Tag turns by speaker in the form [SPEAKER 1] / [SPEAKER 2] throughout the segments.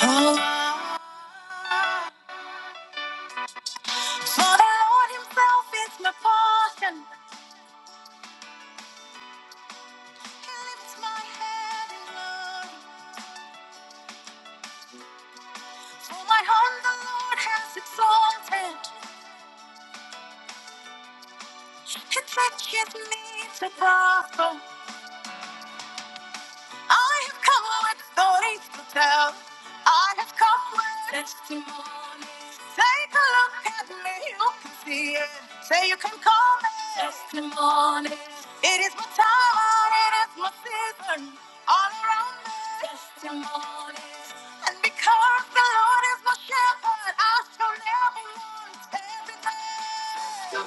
[SPEAKER 1] For the Lord himself is my portion. He lifts my head in glory. For my hand the Lord has exalted. He teaches me to prosper. I have come with stories to tell. I have come with testimonies. Take a look at me, you can see it. Say you can call me testimonies. It is my time, it is my season. All around me, testimonies. And because the Lord is my shepherd, I shall never want every day.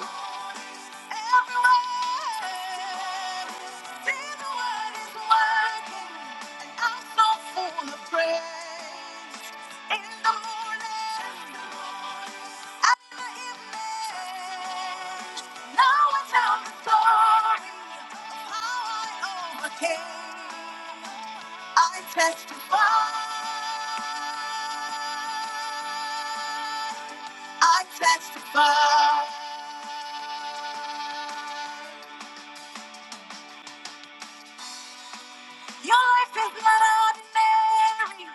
[SPEAKER 1] Everywhere. See the word is working, and I'm so full of praise. In the morning, at the evening, now I tell the story of how I overcame. I testify. I testify. Your life is not ordinary.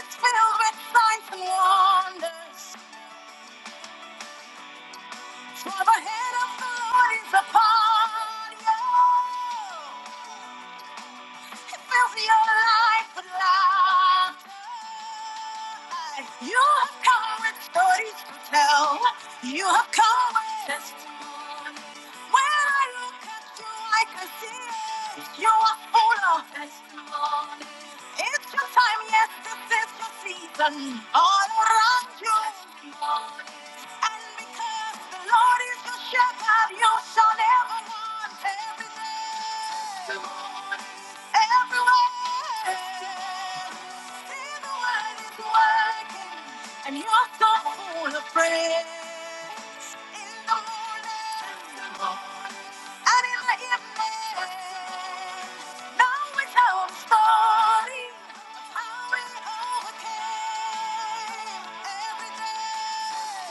[SPEAKER 1] It's filled with signs and wonders. For the hand of the Lord is upon you. Fill your life with light. You have come with stories to tell. You have come with testimony. When I look at you, I can see it. You are full of testimony. It's your time, yes, this is your season. All around you. is glory. And because the Lord is your shepherd, you shall never want everything. And you're so full of praise in the morning. I didn't let you win. Now it's how I'm starting. I already overcame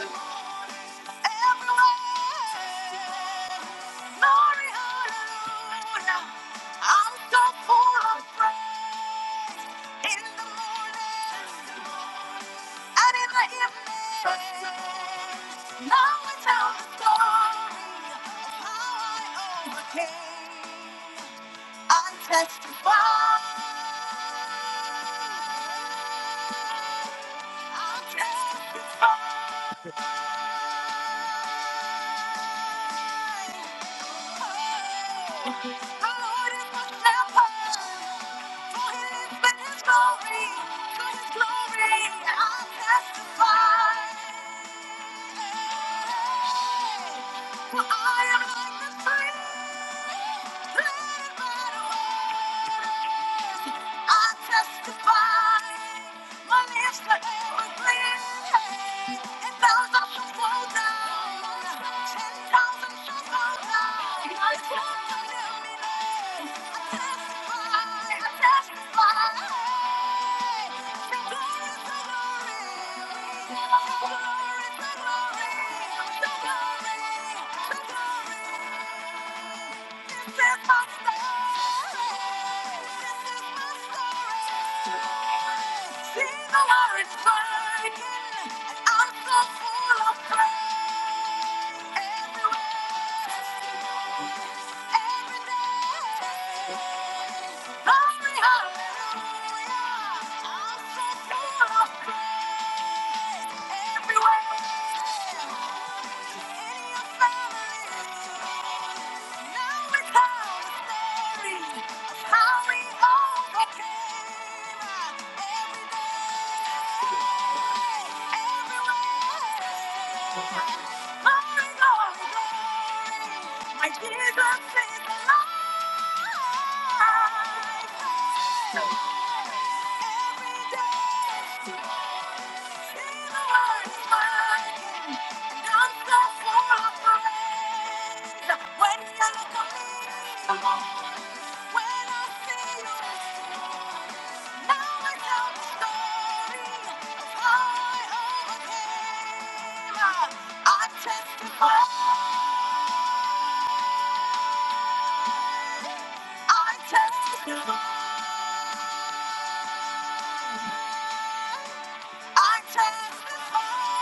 [SPEAKER 1] Everywhere. Glory, hallelujah. I'm so full of praise. In the morning, and in the evening, now I tell the story of how I overcame. I testify. I testify. for I am like the tree. Glory, glory, glory, glory. Hallelujah! I'm so full of praise. My Jesus is alive. I testify, I testify, I testify.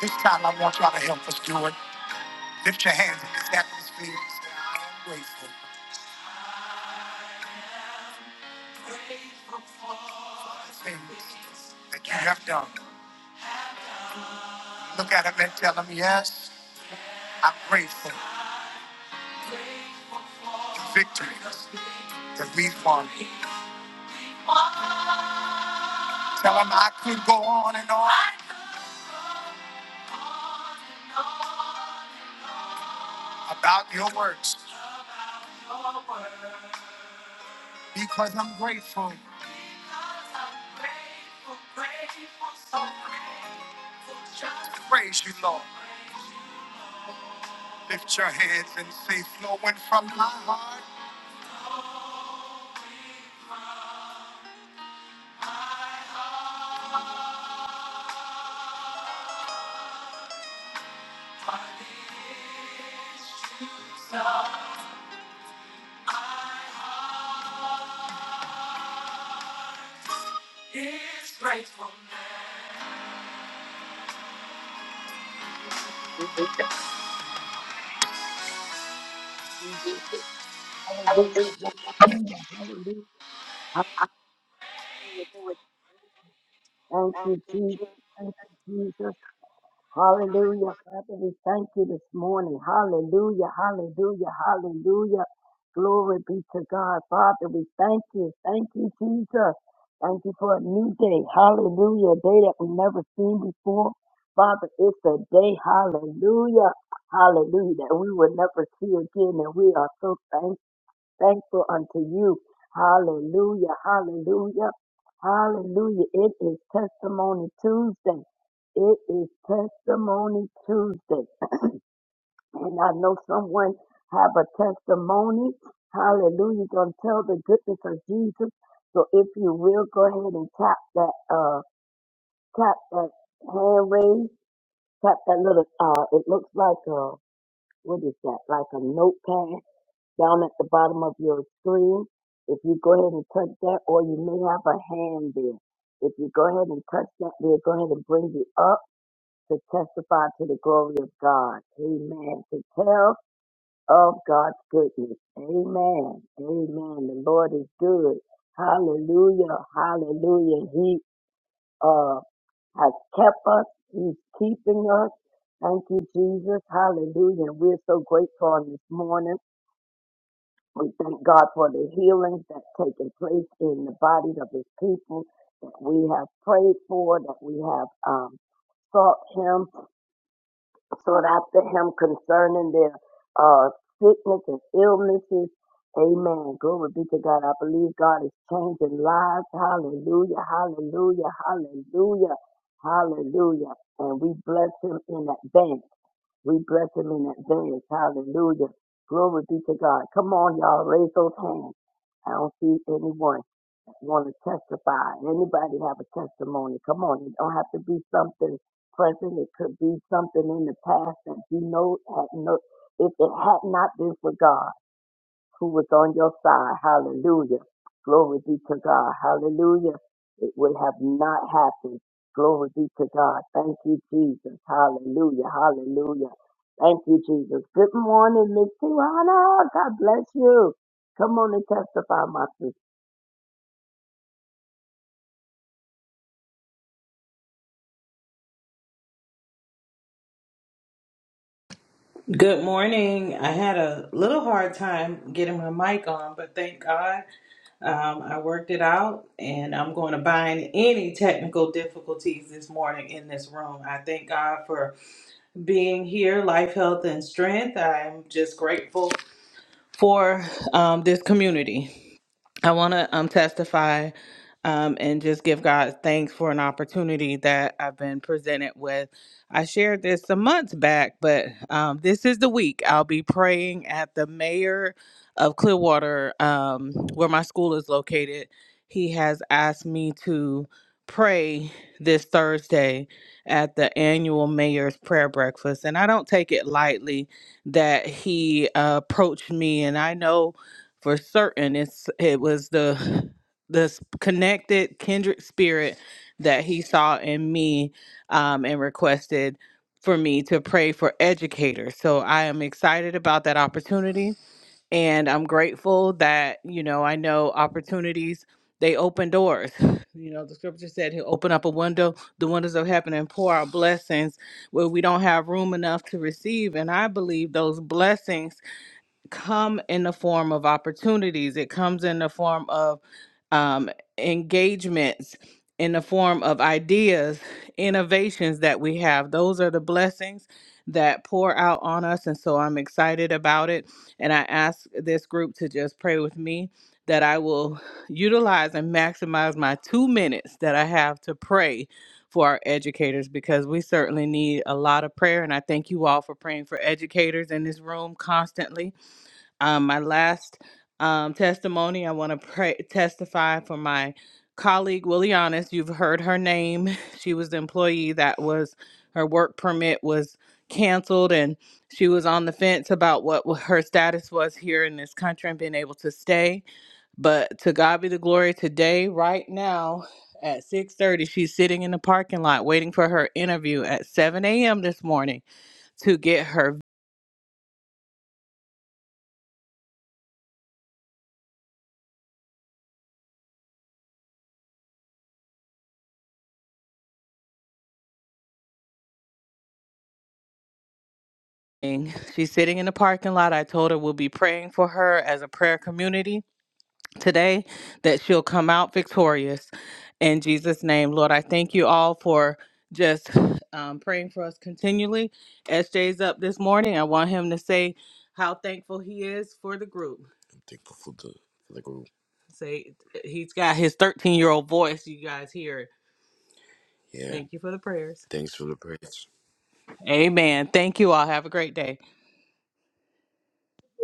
[SPEAKER 1] This time I want y'all to help us do it. Lift your hands in this atmosphere and say, I am grateful for things that you have done. Look at them and tell them, yes, I'm grateful for victories that we've won. Tell him I could go on and on about your works because I'm grateful. Praise you, Lord. Lift your hands and say, flowing from my heart.
[SPEAKER 2] you, Jesus. Hallelujah, hallelujah, hallelujah, hallelujah. Thank you, Jesus. Thank you, Jesus. Hallelujah, Father. We thank you this morning. Hallelujah, hallelujah, hallelujah. Glory be to God, Father. We thank you. Thank you, Jesus. Thank you for a new day. Hallelujah. A day that we never seen before. Father, it's a day. Hallelujah. Hallelujah. That we will never see again. And we are so thankful. thankful unto you. Hallelujah, hallelujah, hallelujah. It is Testimony Tuesday. It is Testimony Tuesday. And I know someone have a testimony. Hallelujah. Gonna tell the goodness of Jesus. So if you will go ahead and tap that uh tap that hand raise, tap that little uh it looks like a what is that? Like a notepad down at the bottom of your screen. If you go ahead and touch that, or you may have a hand there. If you go ahead and touch that, we'll go ahead and bring you up to testify to the glory of God. Amen. To tell of God's goodness. Amen. Amen. The Lord is good. Hallelujah. Hallelujah. He uh has kept us. He's keeping us. Thank you, Jesus. Hallelujah. And we're so grateful on this morning. We thank God for the healings that taken place in the bodies of his people that we have prayed for, that we have um, sought him, sought after him concerning their uh, sickness and illnesses. Amen. Glory be to God. I believe God is changing lives. Hallelujah. Hallelujah. Hallelujah. Hallelujah. And we bless him in advance. We bless him in advance. Hallelujah. Glory be to God. Come on, y'all. Raise those hands. I don't see anyone want to testify. Anybody have a testimony? Come on. It don't have to be something present. It could be something in the past that you know had no, if it had not been for God who was on your side. Hallelujah. Glory be to God. Hallelujah. It would have not happened. Glory be to God. Thank you, Jesus. Hallelujah. Hallelujah. Thank you, Jesus. Good morning, Miss Tiana. God bless you. Come on and testify, my sister.
[SPEAKER 3] Good morning. I had a little hard time getting my mic on, but thank God um, I worked it out and I'm going to bind any technical difficulties this morning in this room. I thank God for being here, life, health, and strength. I'm just grateful for um, this community. I want to um, testify um, and just give God thanks for an opportunity that I've been presented with. I shared this some months back, but um, this is the week I'll be praying at the mayor of Clearwater, um, where my school is located. He has asked me to pray this Thursday at the annual mayor's prayer breakfast, and I don't take it lightly that he uh, approached me. And I know for certain it's it was the this connected kindred spirit that he saw in me um, and requested for me to pray for educators so i am excited about that opportunity and i'm grateful that you know i know opportunities they open doors you know the scripture said he'll open up a window the windows of heaven and pour out blessings where we don't have room enough to receive and i believe those blessings come in the form of opportunities it comes in the form of um, engagements in the form of ideas innovations that we have those are the blessings that pour out on us and so i'm excited about it and i ask this group to just pray with me that i will utilize and maximize my two minutes that i have to pray for our educators because we certainly need a lot of prayer and i thank you all for praying for educators in this room constantly um, my last um, testimony, I want to pray, testify for my colleague, Willianis. You've heard her name. She was the employee that was, her work permit was canceled and she was on the fence about what wa- her status was here in this country and being able to stay. But to God be the glory today, right now, at 6.30 she's sitting in the parking lot waiting for her interview at 7 a.m this morning to get her She's sitting in the parking lot. I told her we'll be praying for her as a prayer community today that she'll come out victorious in Jesus' name. Lord, I thank you all for just um, praying for us continually. SJ's up this morning. I want him to say how thankful he is for the group. Say he's got his 13 year old voice. You guys hear it. Thank you for the prayers. Amen. Thank you all. Have a great day.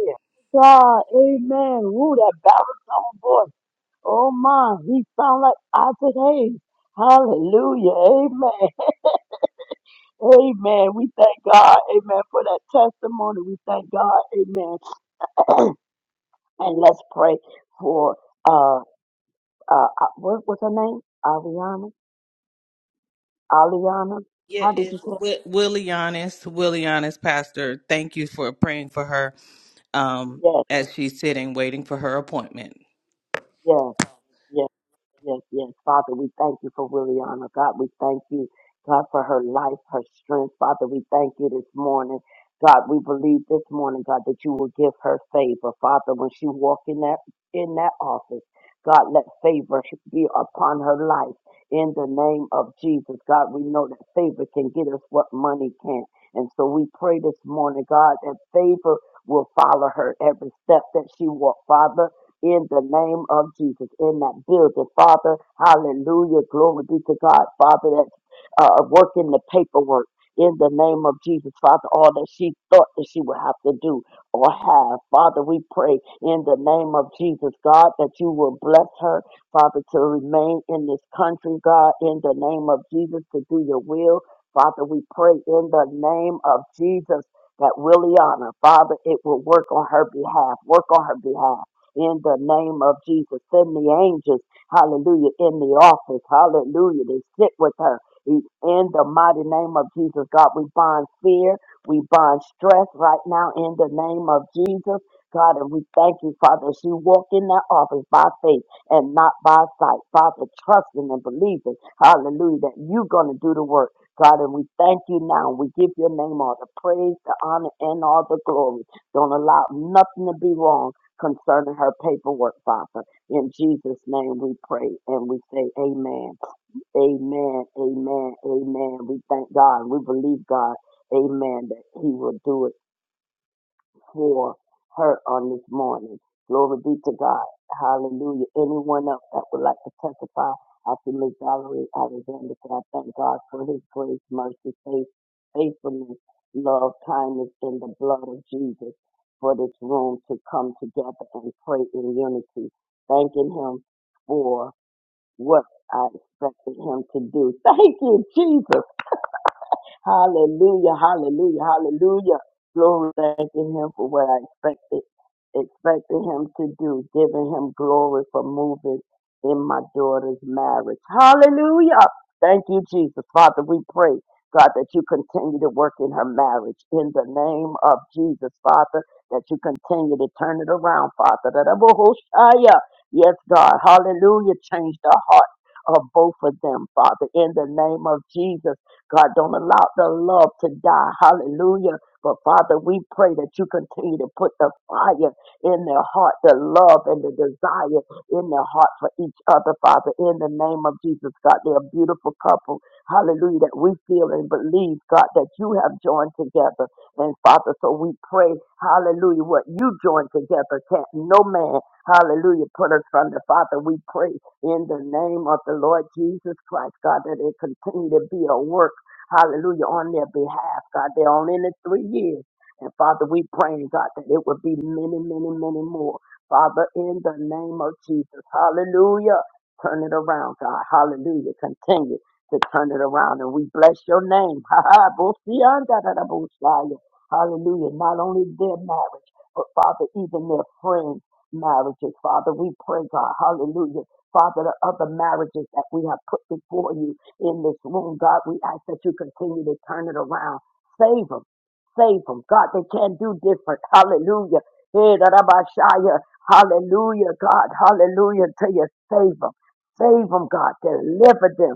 [SPEAKER 2] Yeah. God, amen. Woo, that baritone voice. Oh my, he sound like Isaac Hayes. Hallelujah, amen. Amen. We thank God, amen, for that testimony. We thank God, amen. and let's pray for, uh, uh, uh, what was her name? Ariana? Aliana?
[SPEAKER 3] Yeah,
[SPEAKER 2] How did you
[SPEAKER 3] it's
[SPEAKER 2] say? it?
[SPEAKER 3] Wi- Willie Honest. Willie Honest, Pastor. Thank you for praying for her um, as she's sitting waiting for her appointment.
[SPEAKER 2] Yes, yes, Yes, yes, Father, we thank you for Williana. God, we thank you, God, for her life, her strength. Father, we thank you this morning. God, we believe this morning, God, that you will give her favor. Father, when she walk in that in that office, God, let favor be upon her life in the name of Jesus. God, we know that favor can get us what money can't. And so we pray this morning, God, that favor will follow her every step that she walk. Father, in the name of Jesus in that building. Father, hallelujah. Glory be to God. Father, that's uh, working the paperwork in the name of Jesus. Father, all that she thought that she would have to do or have. Father, we pray in the name of Jesus, God, that you will bless her, Father, to remain in this country, God, in the name of Jesus, to do your will. Father, we pray in the name of Jesus that Williana, Father, it will work on her behalf. Work on her behalf in the name of Jesus. Send the angels, hallelujah, in the office, hallelujah, to sit with her. In the mighty name of Jesus, God, we bind fear, we bind stress right now in the name of Jesus. God, and we thank you, Father, as you walk in that office by faith and not by sight. Father, trusting and believing, hallelujah, that you're going to do the work. God, and we thank you now. We give your name all the praise, the honor, and all the glory. Don't allow nothing to be wrong concerning her paperwork, Father. In Jesus' name we pray and we say amen. Amen, amen, amen. We thank God. We believe God, amen, that He will do it for her on this morning. Glory be to God. Hallelujah. Anyone else that would like to testify after Miss Valerie Alexander, can I thank God for his grace, mercy, faith, faithfulness, love, kindness in the blood of Jesus for this room to come together and pray in unity, thanking him for what I expected him to do. Thank you, Jesus. Hallelujah, hallelujah, hallelujah. Glory, thanking him for what I expected, expected him to do, giving him glory for moving in my daughter's marriage. Hallelujah. Thank you, Jesus. Father, we pray, God, that you continue to work in her marriage in the name of Jesus, Father, that you continue to turn it around, Father. That I will host- ah, yeah. Yes, God. Hallelujah. Change the heart of both of them, Father, in the name of Jesus. God, don't allow the love to die. Hallelujah. But Father, we pray that you continue to put the fire in their heart, the love and the desire in their heart for each other, Father, in the name of Jesus, God. They're a beautiful couple. Hallelujah. That we feel and believe, God, that you have joined together. And Father, so we pray, hallelujah, what you joined together can't no man, hallelujah, put us from the Father. We pray in the name of the Lord Jesus Christ, God, that it continue to be a work hallelujah, on their behalf, God. They're only in it three years. And Father, we praying, God, that it would be many, many, many more. Father, in the name of Jesus, hallelujah. Turn it around, God. Hallelujah. Continue to turn it around. And we bless your name. Ha ha. Bosiandadadabosaya. Hallelujah. Not only their marriage, but Father, even their friends' marriages. Father, we pray, God. Hallelujah. Father, the other marriages that we have put before you in this room, God. We ask that you continue to turn it around. Save them. Save them. God, they can't do different. Hallelujah. Hey, da, da, ba, shia. Hallelujah, God. Hallelujah until you save them. Save them, God. Deliver them.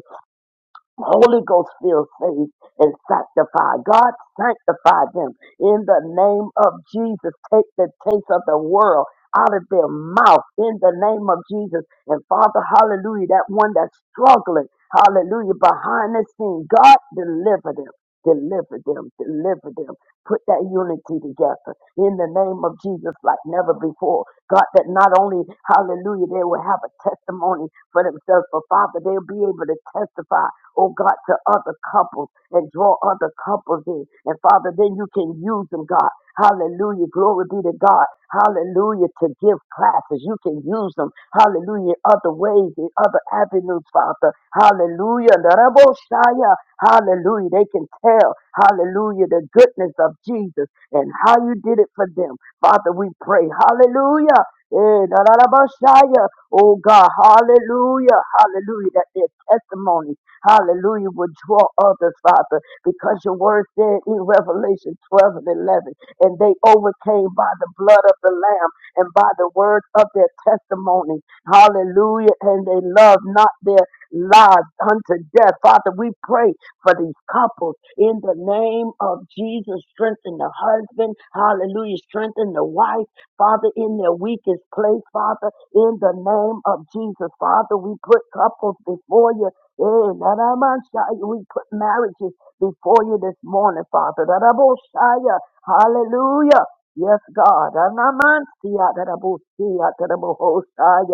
[SPEAKER 2] Holy Ghost filled faith and sanctify. God sanctify them in the name of Jesus. Take the taste of the world out of their mouth in the name of Jesus. And Father, hallelujah, that one that's struggling, hallelujah, behind the scene, God deliver them. Deliver them, deliver them. Put that unity together in the name of Jesus like never before. God, that not only, hallelujah, they will have a testimony for themselves, but Father, they'll be able to testify oh God, to other couples and draw other couples in. And Father, then you can use them, God. Hallelujah. Glory be to God. Hallelujah. To give classes. You can use them. Hallelujah. Other ways, in other avenues, Father. Hallelujah. Naraboshaya. Hallelujah. They can tell. Hallelujah. The goodness of Jesus and how you did it for them. Father, we pray. Hallelujah. Eh, narabashaya. Oh God. Hallelujah. Hallelujah. That their testimony Hallelujah. Will draw others, Father, because your word said in Revelation 12 and 11, and they overcame by the blood of the Lamb and by the word of their testimony. Hallelujah. And they loved not their lives unto death. Father, we pray for these couples in the name of Jesus. Strengthen the husband. Hallelujah. Strengthen the wife. Father, in their weakest place, Father, in the name of Jesus. Father, we put couples before you Eh, da da man shai. We put marriages before you this morning, Father. Da da bo shai. Hallelujah. Yes, God. Da na man sia. Da da bo sia. Da da bo ho shai.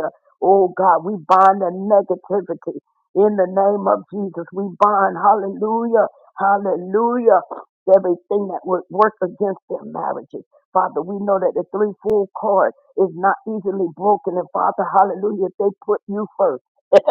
[SPEAKER 2] Oh, God, we bind the negativity in the name of Jesus. We bind, hallelujah, hallelujah, everything that would work against their marriages. Father, we know that the threefold cord is not easily broken. And Father, hallelujah, they put you first.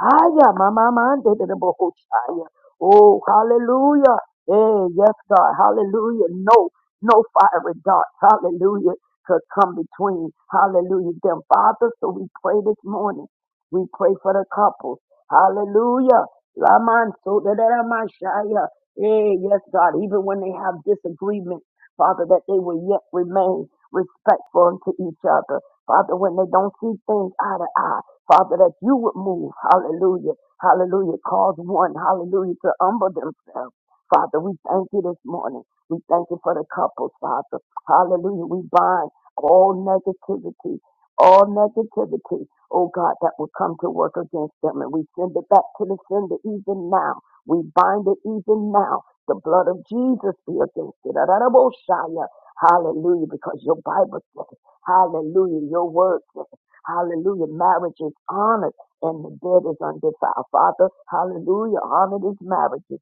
[SPEAKER 2] Aya, mama, mande de boko chaya. Oh, hallelujah. Hey, yes, God. Hallelujah. No, no fiery darts. Hallelujah. Could come between. Hallelujah. Them, Father. So we pray this morning. We pray for the couples. Hallelujah. Laman so da da da ma shaya. Hey, yes, God. Even when they have disagreements, Father, that they will yet remain respectful unto each other. Father, when they don't see things eye to eye. Father, that you would move. Hallelujah. Hallelujah. Cause one, hallelujah, to humble themselves. Father, we thank you this morning. We thank you for the couples, Father. Hallelujah. We bind all negativity, all negativity, oh God, that will come to work against them. And we send it back to the sender even now. We bind it even now. The blood of Jesus be against it. Hallelujah. Because your Bible says, Hallelujah. Your word says, Hallelujah. Marriage is honored and the bed is undefiled. Father, hallelujah. Honor these marriages.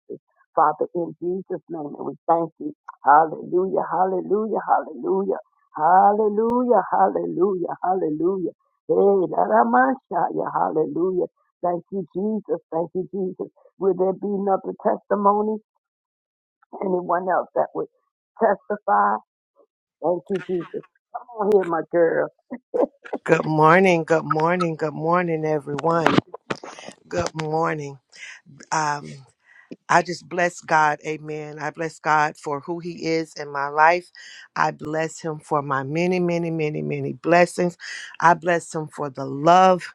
[SPEAKER 2] Father, in Jesus' name, and we thank you. Hallelujah, hallelujah, hallelujah, hallelujah, hallelujah, hallelujah. Hey, Laramashaya, hallelujah. Thank you, Jesus. Thank you, Jesus. Will there be another testimony? Anyone else that would testify? Thank you, Jesus. Come on here, my girl.
[SPEAKER 4] Good morning, good morning, good morning, everyone. Good morning. Um, I just bless God, amen. I bless God for who He is in my life. I bless Him for my many, many, many, many blessings. I bless Him for the love,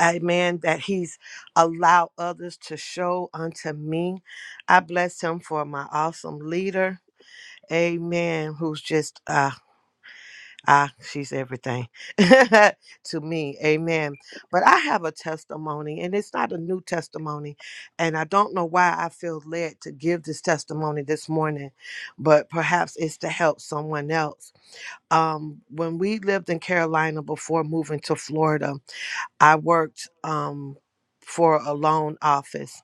[SPEAKER 4] amen, that He's allowed others to show unto me. I bless Him for my awesome leader. Amen. Who's just 100 Ah, she's everything to me. Amen. But I have a testimony, and it's not a new testimony. And I don't know why I feel led to give this testimony this morning, but perhaps it's to help someone else. Um, when we lived in Carolina before moving to Florida, I worked um, for a loan office.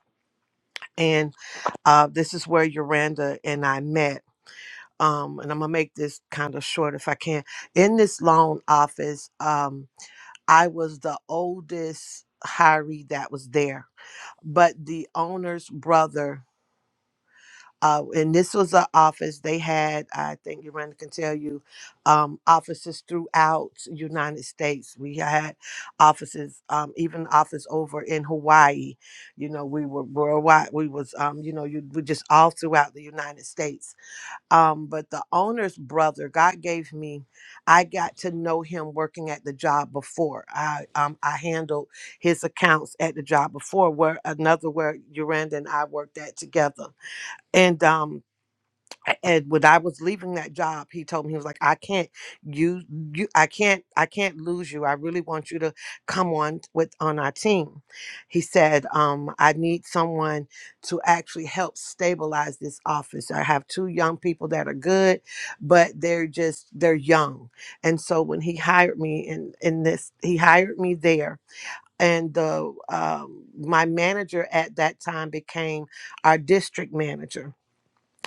[SPEAKER 4] And uh, this is where Uranda and I met um, and I'm gonna make this kind of short if I can. In this loan office, um, I was the oldest hiree that was there, but the owner's brother. Uh, and this was an office they had. I think Yolanda can tell you, um, offices throughout United States. We had offices, um, even office over in Hawaii. You know, we were worldwide. We was, um, you know, you we just all throughout the United States um but the owner's brother god gave me i got to know him working at the job before i um i handled his accounts at the job before where another where Uranda and i worked at together and um and when I was leaving that job, he told me he was like, "I can't you, you. I can't. I can't lose you. I really want you to come on with on our team." He said, um, "I need someone to actually help stabilize this office. I have two young people that are good, but they're just they're young." And so when he hired me in in this, he hired me there. And the um, my manager at that time became our district manager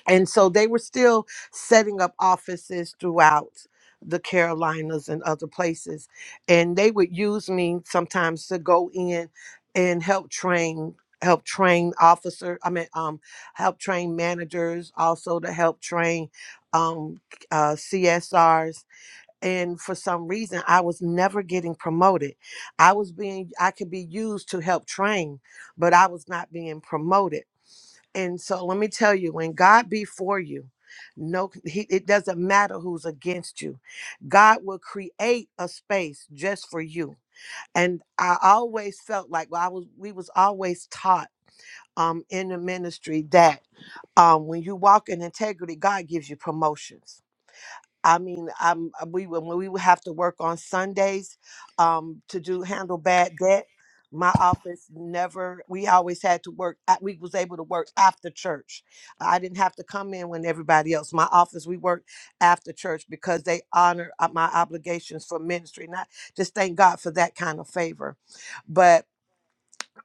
[SPEAKER 4] and so they were still setting up offices throughout the Carolinas and other places. And they would use me sometimes to go in and help train help train officer i mean um help train managers also to help train um uh csrs and for some reason i was never getting promoted i was being i could be used to help train but i was not being promoted and so let me tell you, when God be for you, no, he, it doesn't matter who's against you. God will create a space just for you. And I always felt like well, I was, we was always taught um, in the ministry that um, when you walk in integrity, God gives you promotions I mean, I'm uh, we when we would have to work on Sundays um, to do handle bad debt. My office never. We always had to work. At, we was able to work after church. I didn't have to come in when everybody else. My office we worked after church because they honor uh, my obligations for ministry. Not just thank God for that kind of favor, but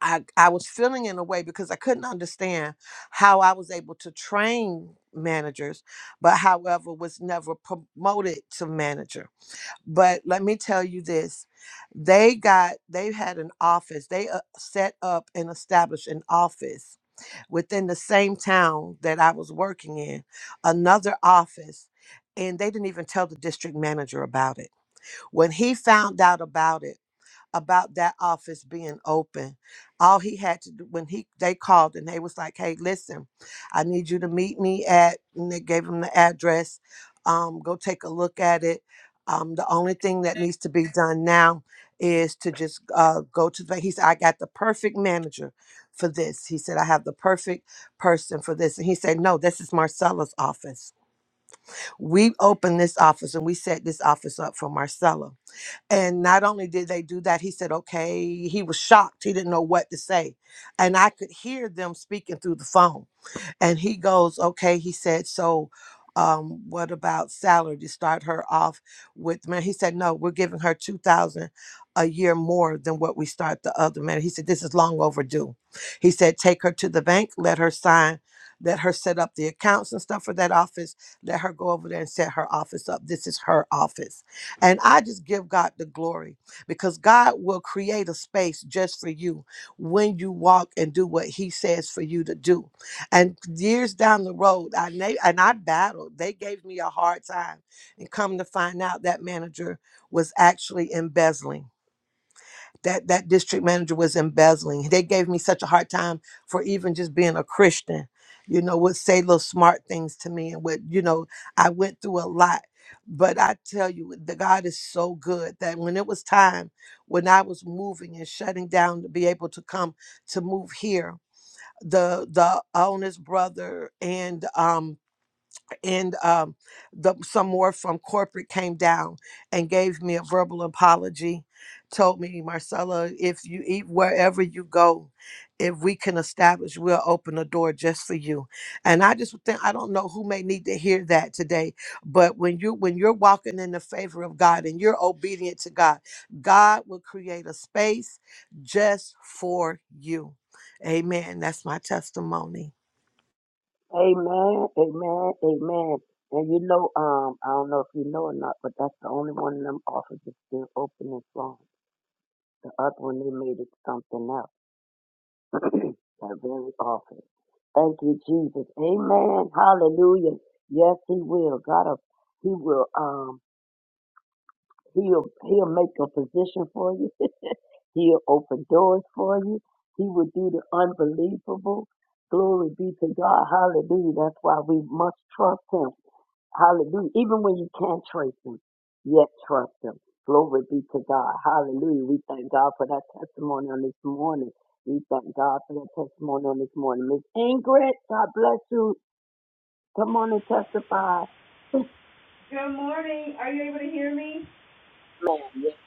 [SPEAKER 4] I, I was feeling in a way because I couldn't understand how I was able to train managers, but however, was never promoted to manager. But let me tell you this they got, they had an office, they uh, set up and established an office within the same town that I was working in, another office. And they didn't even tell the district manager about it. When he found out about it, about that office being open. All he had to do when he they called and they was like, "Hey, listen, I need you to meet me at." And they gave him the address. Um, go take a look at it. Um, the only thing that needs to be done now is to just uh, go to the. He said, "I got the perfect manager for this." He said, "I have the perfect person for this." And he said, "No, this is Marcella's office. We opened this office and we set this office up for Marcella." And not only did they do that, he said, okay, he was shocked. He didn't know what to say. And I could hear them speaking through the phone. And he goes, okay, he said, so um, what about salary to start her off with? Man, he said, no, we're giving her 2000 a year more than what we start the other man. He said, this is long overdue. He said, take her to the bank, let her sign, let her set up the accounts and stuff for that office, let her go over there and set her office up. This is her office. And I just give God the glory because God will create a space just for you when you walk and do what he says for you to do. And years down the road, I na- and I battled. They gave me a hard time, and come to find out, that manager was actually embezzling. That that district manager was embezzling. They gave me such a hard time for even just being a Christian. You know, would say little smart things to me, and would you know, I went through a lot. But I tell you, the God is so good that when it was time, when I was moving and shutting down to be able to come to move here, the the owner's brother and um and um, the, some more from corporate came down and gave me a verbal apology told me marcella if you eat wherever you go if we can establish we'll open a door just for you and i just think i don't know who may need to hear that today but when you when you're walking in the favor of god and you're obedient to god god will create a space just for you amen that's my testimony
[SPEAKER 2] Amen, amen, amen. And you know, um, I don't know if you know or not, but that's the only one of them offices still open and strong. The other one they made it something else. that very office. Thank you, Jesus. Amen. Hallelujah. Yes, he will. God will- he will um he'll he'll make a position for you. He'll open doors for you. He will do the unbelievable. Glory be to God. Hallelujah. That's why we must trust him. Hallelujah. Even when you can't trace them, yet trust them. Glory be to God. Hallelujah. We thank God for that testimony on this morning. We thank God for that testimony on this morning. Miss Ingrid, God bless you. Come on and testify.
[SPEAKER 5] Good morning. Are you able to hear me?
[SPEAKER 2] Ma'am, yes,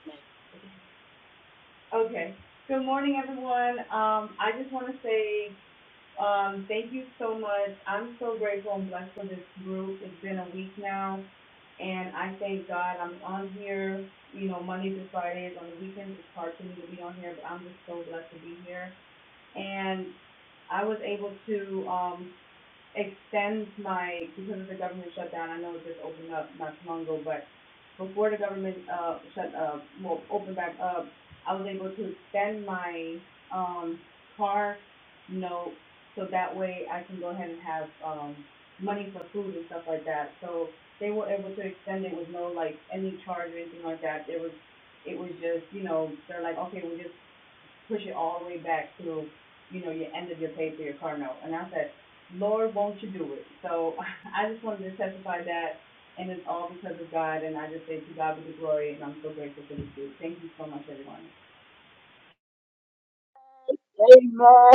[SPEAKER 5] Okay. Good morning, everyone. Um, I just want to say um, thank you so much. I'm so grateful and blessed for this group. It's been a week now, and I thank God I'm on here, you know, Monday through Fridays. On the weekends, it's hard for me to be on here, but I'm just so blessed to be here. And I was able to um, extend my, because of the government shutdown, I know it just opened up not too long ago, but before the government, uh, shut, uh, well, opened back up, I was able to extend my, um, car note, so that way I can go ahead and have, um, money for food and stuff like that, so they were able to extend it with no, like, any charge or anything like that, it was, it was just, you know, they're like, okay, we'll just push it all the way back to, you know, your end of your pay for your car note. And I said, Lord, won't you do it? So I just wanted to testify that, and it's all because of God, and I just say to God be the glory, and I'm so grateful for this dude. Thank you so much, everyone.
[SPEAKER 2] ma'am. Amen.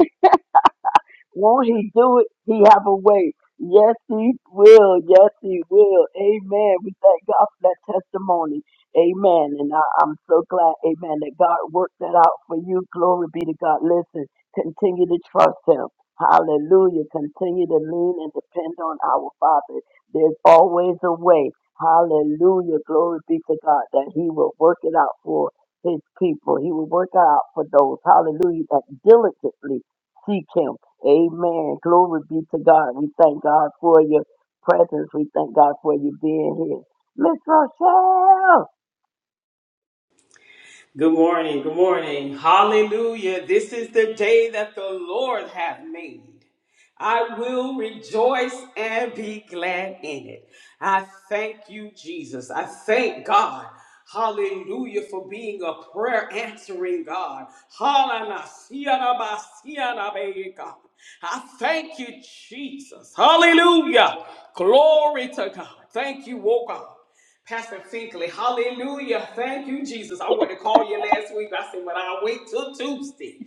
[SPEAKER 2] Won't he do it? He have a way. Yes, he will. Yes, he will. Amen. We thank God for that testimony. Amen. And I, I'm so glad, amen, that God worked that out for you. Glory be to God. Listen, continue to trust him. Hallelujah. Continue to lean and depend on our Father. There's always a way. Hallelujah. Glory be to God that he will work it out for his people. He will work it out for those, hallelujah, that diligently seek him. Amen. Glory be to God. We thank God for your presence. We thank God for you being here. Miss Rochelle.
[SPEAKER 6] Good morning. Good morning. Hallelujah. This is the day that the Lord hath made. I will rejoice and be glad in it. I thank you, Jesus. I thank God. Hallelujah for being a prayer answering God. Hallelujah, God. I thank you, Jesus. Hallelujah. Glory to God. Thank you, oh God. Pastor Finkley, hallelujah. Thank you, Jesus. I wanted to call you last week. I said, but I'll wait till Tuesday.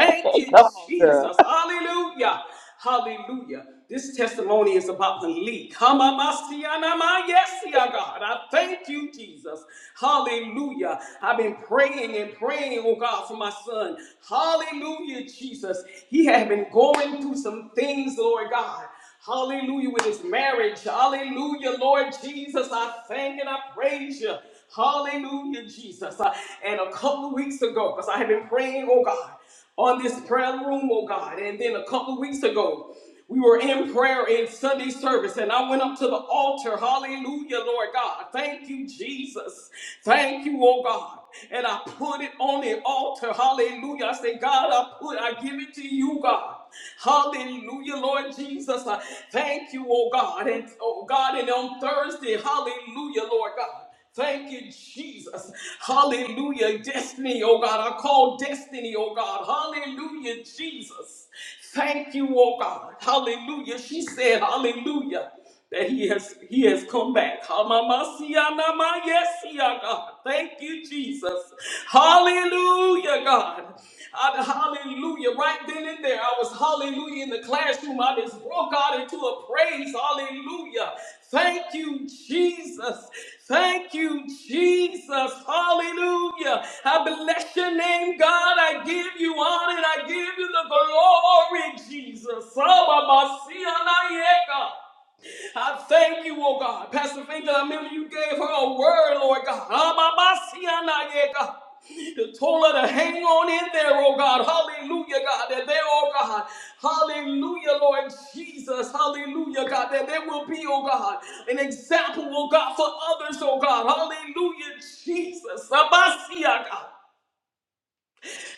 [SPEAKER 6] you,
[SPEAKER 2] Come on, girl.
[SPEAKER 6] Jesus. Hallelujah. Hallelujah. This testimony is about the leak. Hamamasianama. Yes, yeah, God. I thank you, Jesus. Hallelujah. I've been praying and praying, oh God, for my son. Hallelujah, Jesus. He had been going through some things, Lord God. Hallelujah, with his marriage. Hallelujah, Lord Jesus. I thank and I praise you. Hallelujah, Jesus. Uh, And a couple of weeks ago, because I had been praying, oh God, on this prayer room, oh God. And then a couple of weeks ago, we were in prayer in Sunday service, and I went up to the altar. Hallelujah, Lord God. Thank you, Jesus. Thank you, oh God. And I put it on the altar. Hallelujah. I said, God, I put, I give it to you, God. Hallelujah, Lord Jesus. I thank you, oh God. And oh God, and on Thursday, hallelujah, Lord God. Thank you, Jesus. Hallelujah. Destiny, oh God. I call destiny, oh God. Hallelujah, Jesus. Thank you, oh God. Hallelujah. She said, Hallelujah that he has he has come back. Hamamasiyanama, Yes, yeah, God. Thank you, Jesus. Hallelujah, God. I- hallelujah. Right then and there, I was hallelujah in the classroom. I just broke out into a praise. Hallelujah. Thank you, Jesus. Thank you, Jesus. Hallelujah. I bless your name, God. I give you honor and I give you the glory, Jesus. Hamamasiyanayeka. I thank you, oh God. Pastor Finkel, I remember you gave her a word, Lord God. Amabasiana, yeah, God. You told her to hang on in there, oh God. Hallelujah, God. That there, oh God. Hallelujah, Lord Jesus. Hallelujah, God. That there will be, oh God, an example, oh God, for others, oh God. Hallelujah, Jesus. Abasia, God.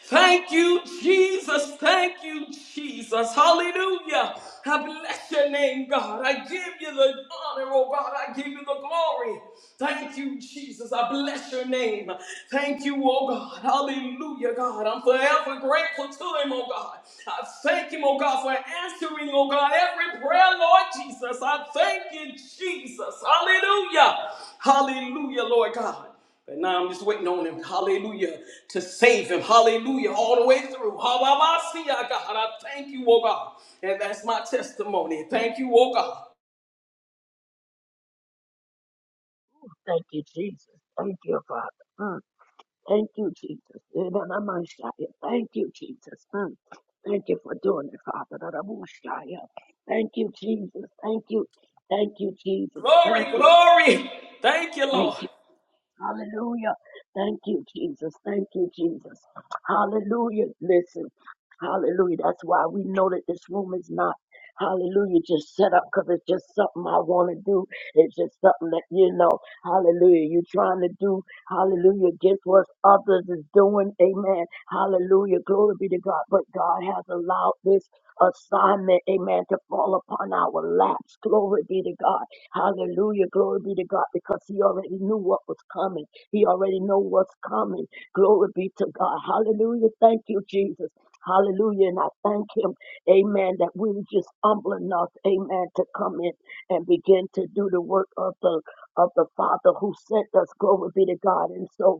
[SPEAKER 6] Thank you, Jesus. Thank you, Jesus. Hallelujah. I bless your name, God. I give you the honor, oh God. I give you the glory. Thank you, Jesus. I bless your name. Thank you, oh God. Hallelujah, God. I'm forever grateful to him, oh God. I thank him, oh God, for answering, oh God, every prayer, Lord Jesus. I thank you, Jesus. Hallelujah. Hallelujah, Lord God. But now I'm just waiting on him, hallelujah, to save him, hallelujah, all the way through. Hallelujah, God. I thank you, oh God. And that's my testimony. Thank you, oh God.
[SPEAKER 2] Thank you, Jesus. Thank you, Father. Mm. Thank you, Jesus. Eh, da, da, ma, sha, ya. Thank you, Jesus. Mm. Thank you for doing it, Father. Da, da, bo, sha, ya. Thank you, Jesus. Thank you. Thank you, Jesus. Thank
[SPEAKER 6] Glory,
[SPEAKER 2] you.
[SPEAKER 6] glory. Thank you,
[SPEAKER 2] Thank
[SPEAKER 6] Lord.
[SPEAKER 2] you. Hallelujah. Thank you, Jesus. Thank you, Jesus. Hallelujah. Listen, hallelujah. That's why we know that this room is not, hallelujah, just set up because it's just something I want to do. It's just something that, you know, hallelujah, you're trying to do, hallelujah, against what others is doing. Amen. Hallelujah. Glory be to God. But God has allowed this assignment, amen, to fall upon our laps. Glory be to God. Hallelujah. Glory be to God because he already knew what was coming. He already know what's coming. Glory be to God. Hallelujah. Thank you, Jesus. Hallelujah. And I thank him. Amen. That we were just humble enough. Amen. To come in and begin to do the work of the of the Father who sent us. Glory be to God. And so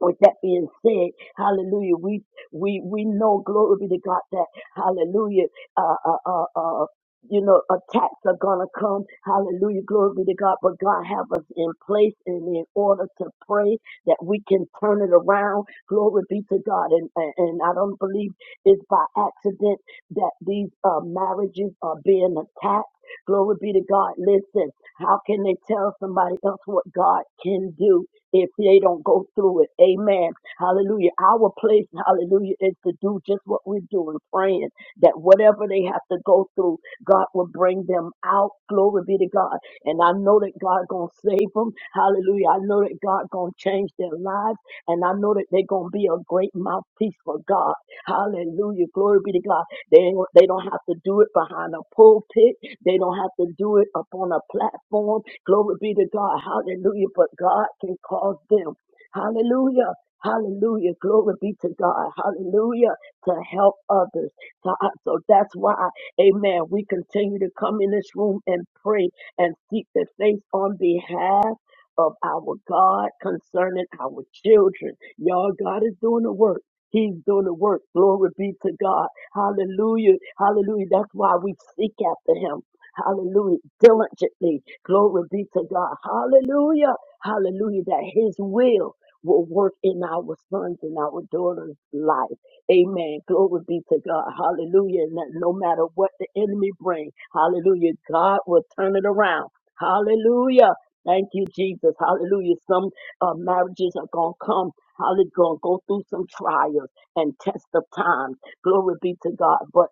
[SPEAKER 2] with that being said, hallelujah, we we we know glory be to God that hallelujah, uh uh uh, uh you know, attacks are gonna come. Hallelujah, glory be to God. But God have us in place and in order to pray that we can turn it around. Glory be to God. And and, and I don't believe it's by accident that these uh, marriages are being attacked. Glory be to God. Listen, how can they tell somebody else what God can do? if they don't go through it. Amen. Hallelujah. Our place, hallelujah, is to do just what we're doing, praying that whatever they have to go through, God will bring them out. Glory be to God. And I know that God gonna save them. Hallelujah. I know that God gonna change their lives. And I know that they're gonna be a great mouthpiece for God. Hallelujah. Glory be to God. They ain't, they don't have to do it behind a pulpit. They don't have to do it up on a platform. Glory be to God. Hallelujah. But God can cause them. Hallelujah. Hallelujah. Glory be to God. Hallelujah. To help others. So, I- so that's why, amen, we continue to come in this room and pray and seek the face on behalf of our God concerning our children. Y'all, God is doing the work. He's doing the work. Glory be to God. Hallelujah. Hallelujah. That's why we seek after him. Hallelujah. Diligently. Glory be to God. Hallelujah. Hallelujah. That his will will work in our sons and our daughters' life. Amen. Glory be to God. Hallelujah. And that no matter what the enemy brings, hallelujah, God will turn it around. Hallelujah. Thank you, Jesus. Hallelujah. Some uh, marriages are going to come. Hallelujah. Going to go through some trials and test of time. Glory be to God. But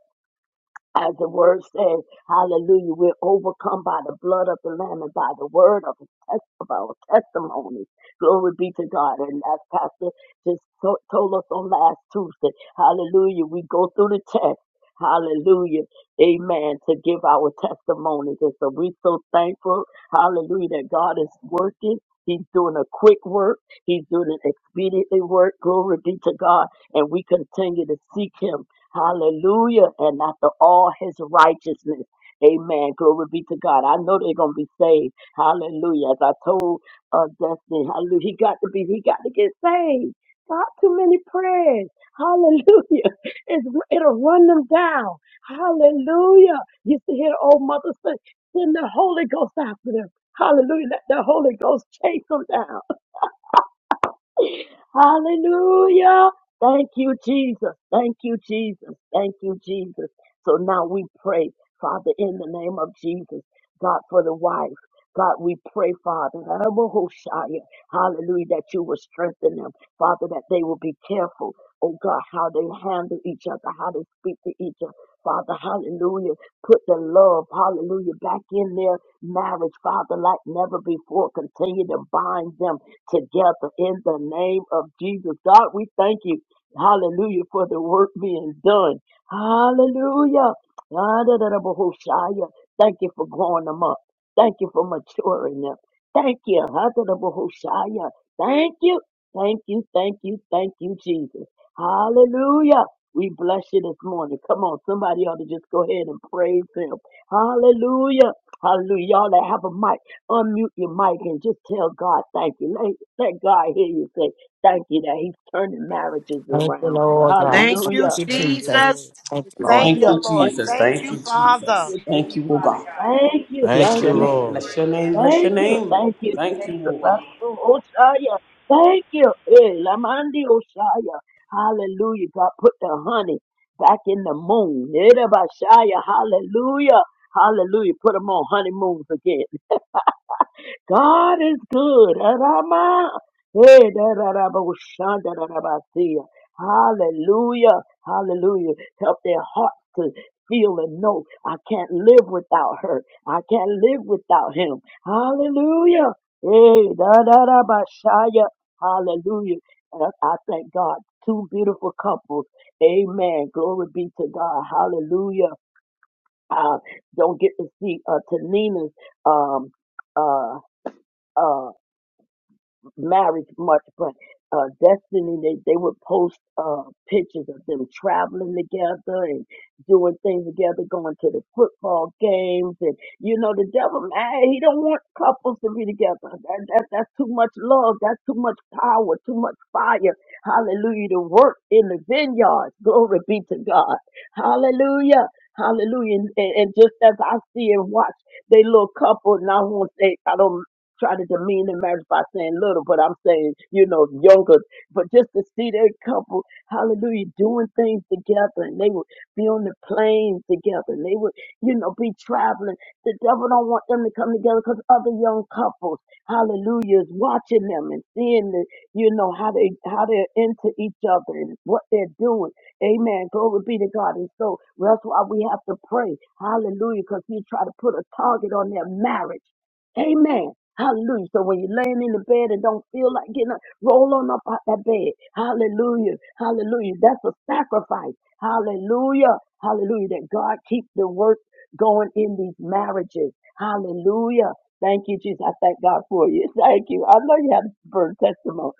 [SPEAKER 2] as the word says, hallelujah, we're overcome by the blood of the Lamb and by the word of, his test, of our testimony. Glory be to God. And as Pastor just to- told us on last Tuesday, hallelujah, we go through the test. Hallelujah. Amen. To give our testimonies. And so we're so thankful. Hallelujah. That God is working. He's doing a quick work. He's doing an expediently work. Glory be to God. And we continue to seek him Hallelujah. And after all his righteousness. Amen. Glory be to God. I know they're gonna be saved. Hallelujah. As I told uh Destiny, hallelujah. He got to be, he got to get saved. Not too many prayers. Hallelujah. It's, it'll run them down. Hallelujah. You see here, old mother say, send the Holy Ghost after them. Hallelujah. Let the Holy Ghost chase them down. Hallelujah. Thank you, Jesus. Thank you, Jesus. Thank you, Jesus. So now we pray, Father, in the name of Jesus, God, for the wife. God, we pray, Father, Rabahoshaya, hallelujah, that you will strengthen them. Father, that they will be careful, oh God, how they handle each other, how they speak to each other. Father, hallelujah, put the love, hallelujah, back in their marriage, Father, like never before. Continue to bind them together in the name of Jesus. God, we thank you. Hallelujah for the work being done. Hallelujah. ha Thank you for growing them up. Thank you for maturing them. Thank you. ha Thank you. Thank you. Thank you. Thank you, Jesus. Hallelujah. We bless you this morning. Come on, somebody ought to just go ahead and praise him. Hallelujah. Hallelujah. Y'all that have a mic, unmute your mic and just tell God thank you. Let God hear you say, Thank you that He's turning marriages
[SPEAKER 7] Thank you,
[SPEAKER 2] around.
[SPEAKER 7] Lord God.
[SPEAKER 4] Thank you,
[SPEAKER 7] Thank
[SPEAKER 2] Hallelujah.
[SPEAKER 7] you,
[SPEAKER 4] Thank you,
[SPEAKER 7] Jesus.
[SPEAKER 4] Jesus.
[SPEAKER 7] Thank you, Lord.
[SPEAKER 6] Thank
[SPEAKER 2] Hallelujah.
[SPEAKER 6] you,
[SPEAKER 2] Thank
[SPEAKER 6] Jesus.
[SPEAKER 4] Thank
[SPEAKER 6] Thank
[SPEAKER 4] you,
[SPEAKER 6] you,
[SPEAKER 4] Father.
[SPEAKER 6] Jesus.
[SPEAKER 2] you,
[SPEAKER 6] Thank
[SPEAKER 5] Thank you,
[SPEAKER 6] you, oh
[SPEAKER 2] Jesus.
[SPEAKER 5] Father
[SPEAKER 6] God.
[SPEAKER 5] God,
[SPEAKER 2] Thank
[SPEAKER 5] Thank you,
[SPEAKER 2] you.
[SPEAKER 1] Thank
[SPEAKER 5] Jesus,
[SPEAKER 6] Bless
[SPEAKER 2] Thank
[SPEAKER 6] your
[SPEAKER 1] you,
[SPEAKER 2] you.
[SPEAKER 6] name.
[SPEAKER 1] Lord.
[SPEAKER 6] Bless
[SPEAKER 5] for
[SPEAKER 6] your name.
[SPEAKER 5] family.
[SPEAKER 6] Bless your
[SPEAKER 2] Thank you.
[SPEAKER 6] name.
[SPEAKER 2] Thank you,
[SPEAKER 6] Thank you,
[SPEAKER 5] Thank
[SPEAKER 2] Jesus.
[SPEAKER 6] oh God.
[SPEAKER 5] you,
[SPEAKER 2] Oshaya. Thank you. Eh, Lamandi Oshaya. Hallelujah. God put the honey back in the moon. Erabashaya. Hallelujah. Hallelujah. Put them on honeymoons again. God is good. Rama. Hey, da, da, da, ba, shan, da, da, da, ba, see ya. Hallelujah. Hallelujah. Help their hearts to feel and know I can't live without her. I can't live without him. Hallelujah. Hey, da da da ba, sha, ya. Hallelujah. And I I thank God. Two beautiful couples. Amen. Glory be to God. Hallelujah. I don't get to see uh, Tanina's um, uh, uh, marriage much, but uh, Destiny, they, they would post uh, pictures of them traveling together and doing things together, going to the football games. And, you know, the devil, man, he don't want couples to be together. That, that, that's too much love. That's too much power, too much fire. Hallelujah. To work in the vineyards. Glory be to God. Hallelujah. Hallelujah. And, and and just as I see and watch they little couple, and I won't say I don't try to demean the marriage by saying little, but I'm saying, you know, younger. But just to see that couple, hallelujah, doing things together and they would be on the planes together and they would, you know, be traveling. The devil don't want them to come together because other young couples, hallelujah, is watching them and seeing the, you know, how they, how they're into each other and what they're doing. Amen. Glory be to God. And so well, that's why we have to pray. Hallelujah. Because he try to put a target on their marriage. Amen. Hallelujah. So when you're laying in the bed and don't feel like getting up, roll on up out that bed. Hallelujah. Hallelujah. That's a sacrifice. Hallelujah. Hallelujah. That God keeps the work going in these marriages. Hallelujah. Thank you, Jesus. I thank God for you. Thank you. I know you have a burn testimony.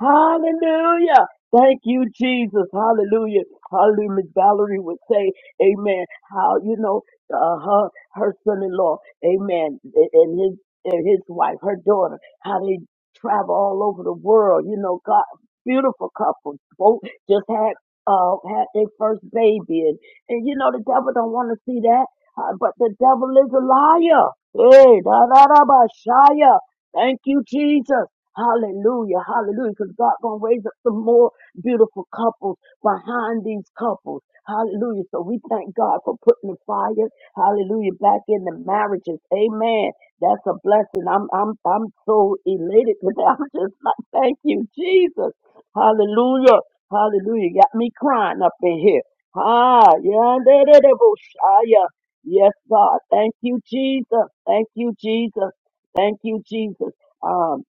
[SPEAKER 2] Hallelujah. Thank you, Jesus. Hallelujah. Hallelujah. Miss Valerie would say, Amen. How, you know, uh, her, her son in law, Amen, a- and his, and his wife, her daughter, how they travel all over the world. You know, God, beautiful couple. Both just had, uh, had their first baby. And, and you know, the devil don't want to see that. Uh, but the devil is a liar. Hey, da da da ba shaya. Thank you, Jesus. Hallelujah, hallelujah, because God gonna raise up some more beautiful couples behind these couples. Hallelujah. So we thank God for putting the fire, hallelujah, back in the marriages. Amen. That's a blessing. I'm I'm I'm so elated today. I'm just like, thank you, Jesus. Hallelujah. Hallelujah. Got me crying up in here. Ah, yeah, da, da, da, bo- ah, yeah. Yes, God. Thank you, Jesus. Thank you, Jesus. Thank you, Jesus. Um,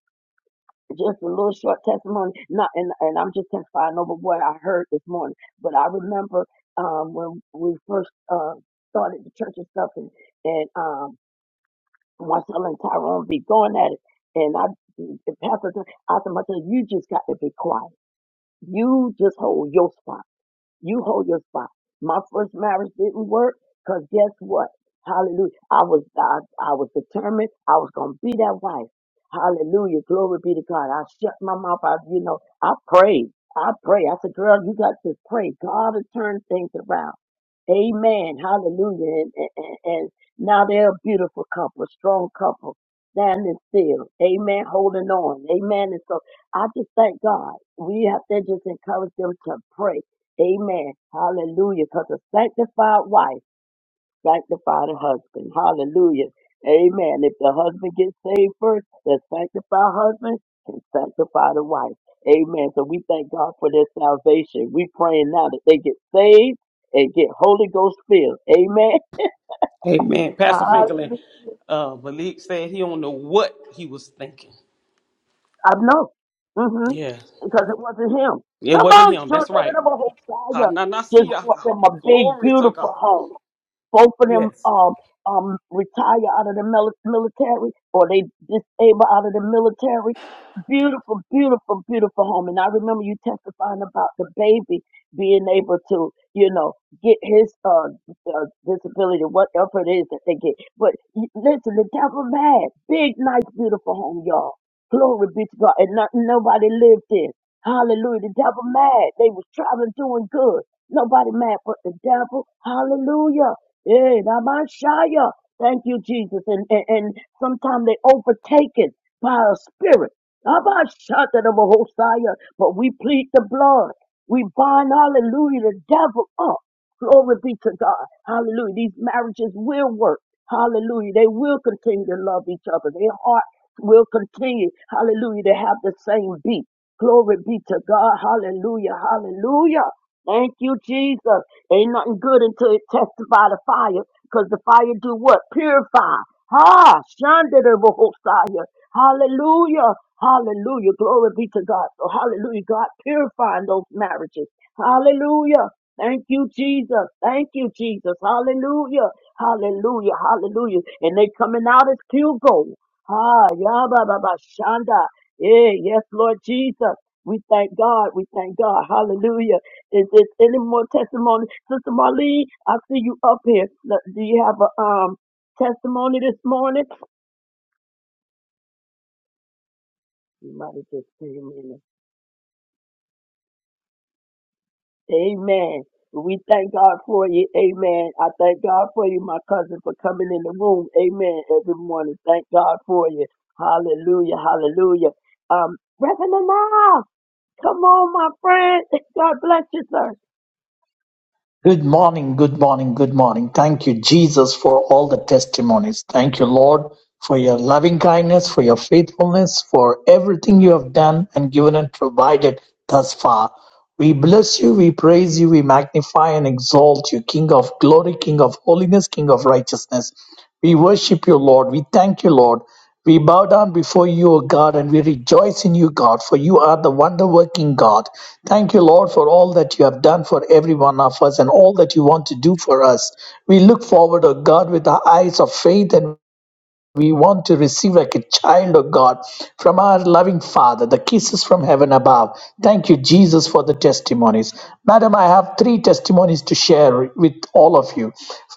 [SPEAKER 2] just a little short testimony. Not and and I'm just testifying over what I heard this morning. But I remember um when we first uh started the church and stuff and, and um Marcella and Tyrone be going at it and I and Pastor I said, Marcella, you just got to be quiet. You just hold your spot. You hold your spot. My first marriage didn't work because guess what? Hallelujah. I was I, I was determined I was gonna be that wife. Hallelujah. Glory be to God. I shut my mouth. I you know, I prayed. I pray. I said, girl, you got to pray. God to turn things around. Amen. Hallelujah. And, and, and and now they're a beautiful couple, a strong couple, standing still. Amen. Holding on. Amen. And so I just thank God. We have to just encourage them to pray Amen. Hallelujah. Because a sanctified wife sanctified a husband. Hallelujah. Amen. If the husband gets saved first, the sanctified husband can sanctify the wife. Amen. So we thank God for their salvation. We praying now that they get saved and get Holy Ghost filled. Amen.
[SPEAKER 6] Amen. Pastor Franklin,
[SPEAKER 2] Hallelujah.
[SPEAKER 6] uh, Malik said he don't know what he was thinking.
[SPEAKER 2] I know. hmm
[SPEAKER 6] Yeah.
[SPEAKER 2] Because it wasn't him.
[SPEAKER 6] It
[SPEAKER 2] Come
[SPEAKER 6] wasn't
[SPEAKER 2] on,
[SPEAKER 6] him. That's
[SPEAKER 2] children
[SPEAKER 6] right.
[SPEAKER 2] of a Messiah. Just
[SPEAKER 6] Kananasia,
[SPEAKER 2] brought
[SPEAKER 6] God.
[SPEAKER 2] them a big,
[SPEAKER 6] Glory to
[SPEAKER 2] beautiful
[SPEAKER 6] God.
[SPEAKER 2] home. both of them
[SPEAKER 6] Yes.
[SPEAKER 2] um um retire out of the mil- military or they disable out of the military. Beautiful, beautiful, beautiful home. And I remember you testifying about the baby being able to, you know, get his uh, uh disability, whatever it is that they get. But y- listen, the devil mad. Big, nice, beautiful home, y'all. Glory be to God. And not, nobody lived in. Hallelujah. The devil mad. They was traveling doing good. Nobody mad but the devil. Hallelujah. Eh, Rabashaya. Thank you, Jesus. And, and, and sometimes they overtake it by a spirit. Rabashata the Mahosaya. But we plead the blood. We bind, hallelujah, the devil up. Glory be to God. Hallelujah. These marriages will work. Hallelujah. They will continue to love each other. Their heart will continue. Hallelujah. To have the same beat. Glory be to God. Hallelujah. Hallelujah. Thank you, Jesus. Ain't nothing good until it tested by the fire, because the fire do what? Purify. Ha! Shanda the Bohosaya. Hallelujah. Hallelujah. Glory be to God. So hallelujah. God purifying those marriages. Hallelujah. Thank you, Jesus. Thank you, Jesus. Hallelujah. Hallelujah. Hallelujah. And they coming out as pure gold. Ah, yeah, ba, ba, ba, shanda. Yeah, yes, Lord Jesus. We thank God. We thank God. Hallelujah. Is there any more testimony? Sister Marlee, I see you up here. Look, Do you have a um testimony this morning? You might have just came in. Amen. We thank God for you. Amen. I thank God for you, my cousin, for coming in the room. Amen. Every morning. Thank God for you. Hallelujah. Hallelujah. Um, Reverend now. Come on, my friend. God bless you, sir.
[SPEAKER 8] Good morning, good morning, good morning. Thank you, Jesus, for all the testimonies. Thank you, Lord, for your loving kindness, for your faithfulness, for everything you have done and given and provided thus far. We bless you, we praise you, we magnify and exalt you, King of glory, King of holiness, King of righteousness. We worship you, Lord. We thank you, Lord. We bow down before you, O God, and we rejoice in you, God, for you are the wonder working God. Thank you, Lord, for all that you have done for every one of us and all that you want to do for us. We look forward, O God, with our eyes of faith and we want to receive like a child of God from our loving Father, the kisses from heaven above. Thank you, Jesus, for the testimonies. Madam, I have three testimonies to share with all of you.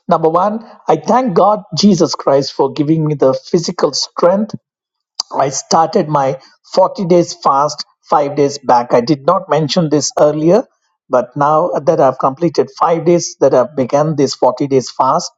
[SPEAKER 8] Number one, I thank God, Jesus Christ, for giving me the physical strength I started my 40 days fast five days back. I did not mention this earlier, but now that I've completed five days, that I've begun this 40 days fast,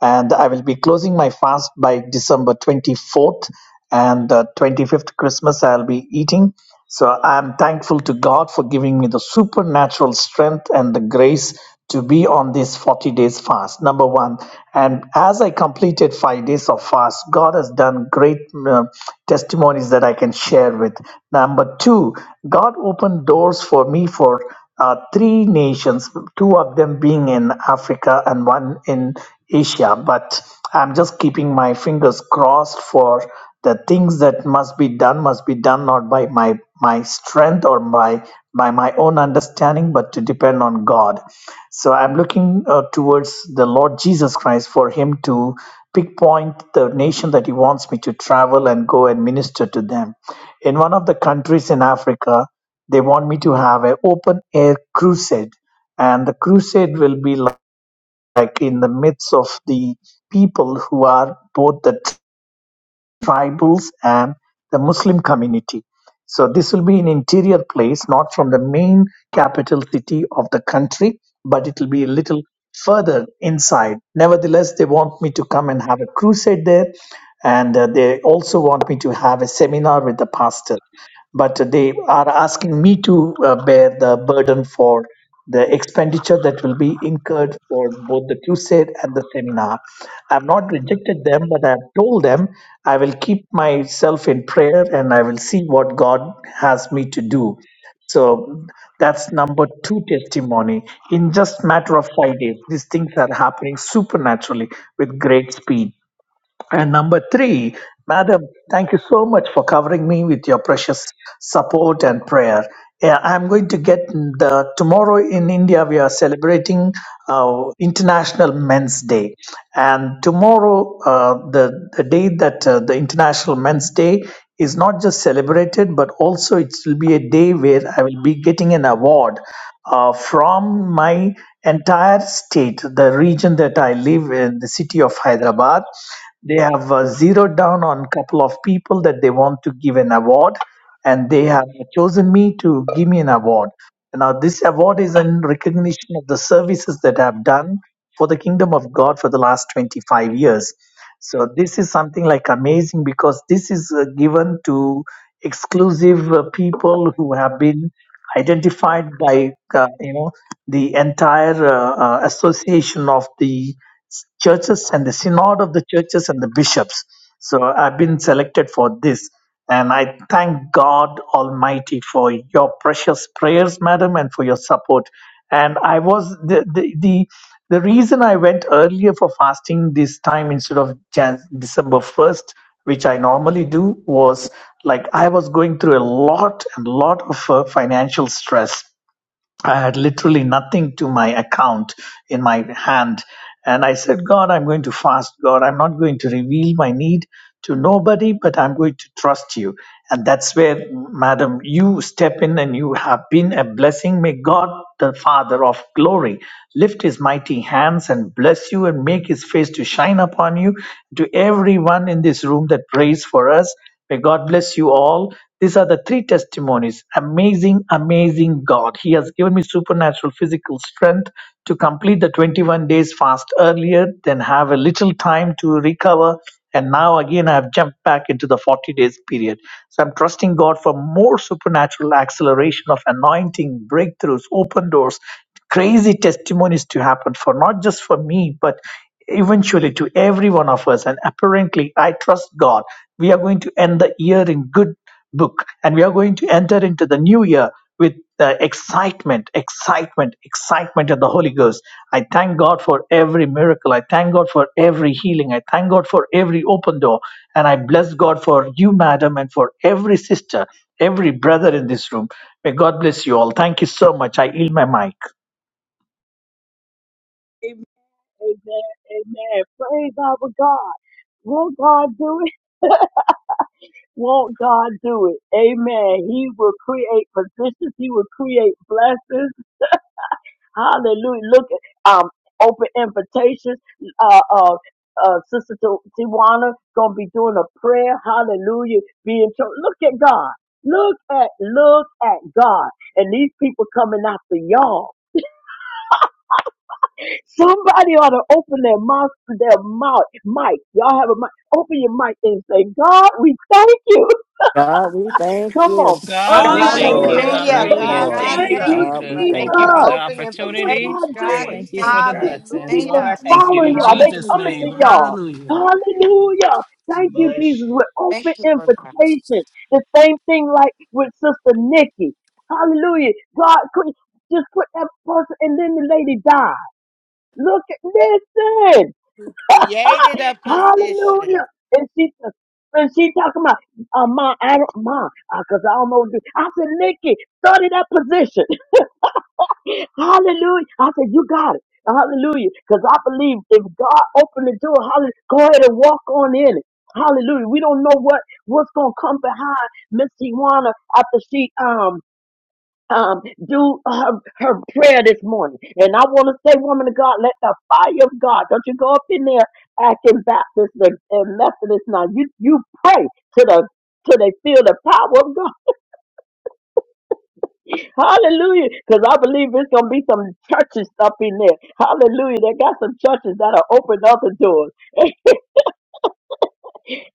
[SPEAKER 8] and I will be closing my fast by December 24th and uh, 25th Christmas, I'll be eating. So I'm thankful to God for giving me the supernatural strength and the grace to be on this 40 days fast number one and as i completed five days of fast god has done great um, testimonies that i can share with number two god opened doors for me for uh, three nations two of them being in africa and one in asia but i'm just keeping my fingers crossed for the things that must be done must be done not by my my strength or by by my own understanding but to depend on god so i'm looking uh, towards the lord jesus christ for him to pinpoint the nation that he wants me to travel and go and minister to them in one of the countries in africa they want me to have an open air crusade and the crusade will be like in the midst of the people who are both the tribals and the Muslim community. So this will be an interior place, not from the main capital city of the country, but it will be a little further inside. Nevertheless, they want me to come and have a crusade there, and uh, they also want me to have a seminar with the pastor but they are asking me to uh, bear the burden for the expenditure that will be incurred for both the crusade and the seminar. I've not rejected them, but I've told them I will keep myself in prayer and I will see what God has me to do. So that's number two testimony. In just matter of five days, these things are happening supernaturally with great speed. And number three, Madam, thank you so much for covering me with your precious support and prayer. Yeah, I'm going to get the tomorrow in India. We are celebrating uh, International Men's Day, and tomorrow uh, the the day that uh, the International Men's Day is not just celebrated, but also it will be a day where I will be getting an award uh, from my entire state, the region that I live in, the city of Hyderabad. They have uh, zeroed down on couple of people that they want to give an award, and they have chosen me to give me an award. Now, this award is in recognition of the services that I've done for the kingdom of God for the last 25 years. So, this is something like amazing because this is uh, given to exclusive uh, people who have been identified by uh, you know the entire uh, uh, association of the churches and the synod of the churches and the bishops. So I've been selected for this. And I thank God Almighty for your precious prayers, madam, and for your support. And I was the the the, the reason I went earlier for fasting this time instead of Jan- December first, which I normally do, was like I was going through a lot and lot of uh, financial stress I had literally nothing to my account in my hand. And I said, God, I'm going to fast. God, I'm not going to reveal my need to nobody, but I'm going to trust you. And that's where, madam, you step in and you have been a blessing. May God, the Father of glory, lift his mighty hands and bless you and make his face to shine upon you. To everyone in this room that prays for us, May God bless you all. These are the three testimonies. Amazing, amazing God. He has given me supernatural physical strength to complete the 21 days fast earlier, then have a little time to recover. And now again, I have jumped back into the 40 days period. So I'm trusting God for more supernatural acceleration of anointing, breakthroughs, open doors, crazy testimonies to happen for not just for me, but eventually to every one of us. And apparently, I trust God we are going to end the year in good book and we are going to enter into the new year with uh, excitement excitement excitement of the holy ghost i thank god for every miracle i thank god for every healing i thank god for every open door and i bless god for you madam and for every sister every brother in this room may god bless you all thank you so much i yield my mic
[SPEAKER 2] Amen. Amen. Amen. Praise our God. Won't God do it? Won't God do it? Amen. He will create positions. He will create blessings. Hallelujah. Look at um open invitations. Uh uh uh, Sister Ti- Tiwana gonna be doing a prayer. Hallelujah. Being told, look at God. Look at, look at God. And these people coming after y'all. Somebody ought to open their mouth, their mouth, mic. Y'all have a mic. Open your mic and say, God, we thank you.
[SPEAKER 7] God, we thank
[SPEAKER 2] Come on,
[SPEAKER 7] you.
[SPEAKER 5] Jesus.
[SPEAKER 3] God, we
[SPEAKER 7] Thank
[SPEAKER 2] unmute
[SPEAKER 7] you,
[SPEAKER 5] God,
[SPEAKER 2] that
[SPEAKER 4] Hallelujah.
[SPEAKER 3] thank
[SPEAKER 5] we
[SPEAKER 9] Glory,
[SPEAKER 3] you.
[SPEAKER 7] Lord.
[SPEAKER 2] mic.
[SPEAKER 6] Hallelujah.
[SPEAKER 5] thank
[SPEAKER 7] Thank
[SPEAKER 6] Thank
[SPEAKER 2] Come
[SPEAKER 7] you,
[SPEAKER 5] you.
[SPEAKER 9] God,
[SPEAKER 3] Hallelujah.
[SPEAKER 9] we
[SPEAKER 2] on,
[SPEAKER 6] you,
[SPEAKER 9] thank
[SPEAKER 7] Lord.
[SPEAKER 5] God,
[SPEAKER 9] you.
[SPEAKER 3] Thank
[SPEAKER 5] we
[SPEAKER 2] thank
[SPEAKER 3] you,
[SPEAKER 9] We
[SPEAKER 4] Thank
[SPEAKER 6] Jesus.
[SPEAKER 2] you,
[SPEAKER 5] thank
[SPEAKER 4] you
[SPEAKER 9] thank
[SPEAKER 7] God,
[SPEAKER 4] for
[SPEAKER 7] we
[SPEAKER 3] Jesus.
[SPEAKER 5] you.
[SPEAKER 9] you,
[SPEAKER 4] it
[SPEAKER 7] thank
[SPEAKER 3] Thank you
[SPEAKER 9] Lord.
[SPEAKER 7] you.
[SPEAKER 3] for
[SPEAKER 2] Jesus.
[SPEAKER 3] the
[SPEAKER 4] Open
[SPEAKER 9] We
[SPEAKER 2] Look
[SPEAKER 9] give
[SPEAKER 2] what
[SPEAKER 9] you
[SPEAKER 3] opportunity.
[SPEAKER 2] God
[SPEAKER 5] God,
[SPEAKER 2] doing.
[SPEAKER 9] praise,
[SPEAKER 5] we
[SPEAKER 3] Thank you
[SPEAKER 9] Lord
[SPEAKER 3] for
[SPEAKER 5] thank
[SPEAKER 3] the
[SPEAKER 2] These
[SPEAKER 9] God.
[SPEAKER 5] you.
[SPEAKER 3] blessings.
[SPEAKER 5] Thank
[SPEAKER 3] Lord,
[SPEAKER 2] people
[SPEAKER 3] I
[SPEAKER 4] Hallelujah.
[SPEAKER 5] you,
[SPEAKER 3] thank
[SPEAKER 5] Jesus.
[SPEAKER 3] you.
[SPEAKER 2] following
[SPEAKER 3] In
[SPEAKER 2] y'all.
[SPEAKER 9] We
[SPEAKER 2] They
[SPEAKER 3] Jesus'
[SPEAKER 5] Hallelujah.
[SPEAKER 2] coming
[SPEAKER 3] name,
[SPEAKER 2] to
[SPEAKER 9] shabak
[SPEAKER 2] y'all.
[SPEAKER 9] you,
[SPEAKER 3] hallelujah.
[SPEAKER 9] Lord God.
[SPEAKER 2] Hallelujah.
[SPEAKER 9] We
[SPEAKER 2] Thank you,
[SPEAKER 9] bless
[SPEAKER 2] Jesus,
[SPEAKER 9] you.
[SPEAKER 2] with open
[SPEAKER 5] Thank you, Lord God.
[SPEAKER 2] invitation. The same thing like with Sister Nikki. Hallelujah. God could just put that person and then the lady died. Look at, listen.
[SPEAKER 4] You created a position.
[SPEAKER 2] Hallelujah. And she and she talking about, uh, ma, I don't, ma, uh, cause I don't know what to do. I said, Nikki, study that position. hallelujah. I said, you got it. Hallelujah. Cause I believe if God opened the door, hallelujah, go ahead and walk on in it. Hallelujah. We don't know what, what's going to come behind Miss Tijuana after she, um, um, do her, her prayer this morning. And I want to say, woman of God, let the fire of God, don't you go up in there acting Baptist and, and Methodist now. You, you pray to the till they feel the power of God. Hallelujah. Because I believe it's going to be some churches up in there. Hallelujah. They got some churches that'll open other doors.